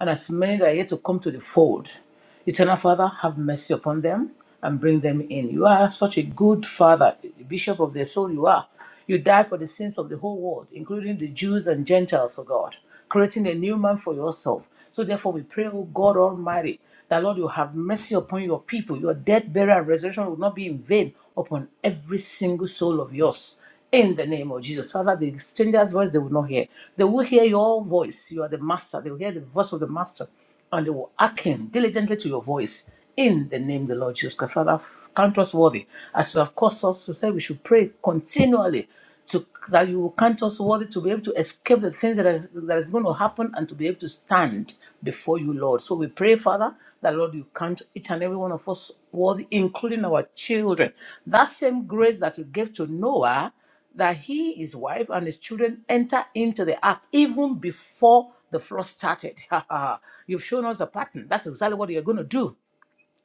Speaker 7: And as many that are yet to come to the fold, Eternal Father, have mercy upon them and bring them in. You are such a good Father, Bishop of their soul, you are. You died for the sins of the whole world, including the Jews and Gentiles, O God, creating a new man for yourself. So therefore, we pray, O God Almighty, that Lord, you have mercy upon your people. Your death, burial, and resurrection will not be in vain upon every single soul of yours in the name of Jesus. Father, the stranger's voice they will not hear. They will hear your voice. You are the master. They will hear the voice of the master and they will hearken diligently to your voice in the name of the Lord Jesus. Because Father, count us worthy as you have caused us to say we should pray continually to that you will count us worthy to be able to escape the things that is, that is going to happen and to be able to stand before you, Lord. So we pray, Father, that Lord, you count each and every one of us worthy, including our children. That same grace that you gave to Noah, that he, his wife, and his children enter into the ark even before the flood started. You've shown us a pattern. That's exactly what you're going to do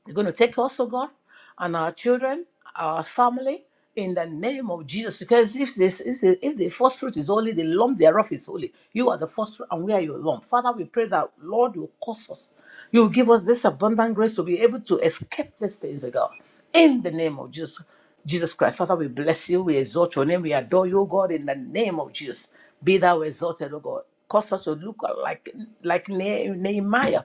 Speaker 7: you're going to take us, oh God, and our children, our family, in the name of Jesus. Because if this is if the first fruit is holy, the lump thereof is holy. You are the first fruit, and we are your lump. Father, we pray that Lord will cause us. You will give us this abundant grace to be able to escape these things, oh God. In the name of Jesus. Jesus Christ, Father, we bless you, we exalt your name, we adore you, oh God, in the name of Jesus. Be thou exalted, O God. Cause us to look like like Ne- Nehemiah.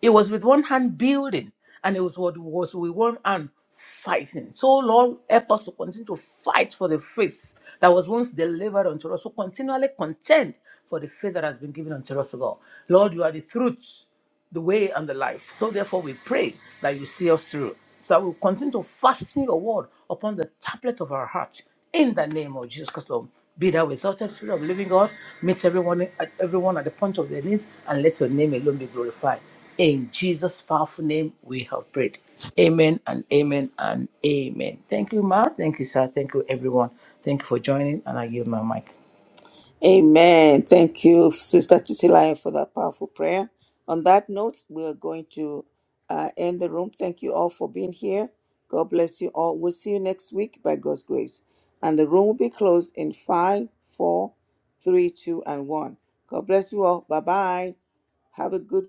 Speaker 7: It was with one hand building and it was what was with one hand fighting. So Lord help us to continue to fight for the faith that was once delivered unto us. So continually contend for the faith that has been given unto us, O God. Lord, you are the truth, the way, and the life. So therefore we pray that you see us through. So that we'll continue to fasten your word upon the tablet of our heart in the name of Jesus Christ. Lord. Be thou exalted, Spirit of the living God. Meet everyone at everyone at the point of their knees and let your name alone be glorified. In Jesus' powerful name, we have prayed. Amen and amen and amen. Thank you, Ma. Thank you, sir. Thank you, everyone. Thank you for joining, and I yield my mic.
Speaker 1: Amen. Thank you, Sister Titilayo, for that powerful prayer. On that note, we are going to uh, end the room. Thank you all for being here. God bless you all. We'll see you next week by God's grace. And the room will be closed in five, four, three, two, and one. God bless you all. Bye bye. Have a good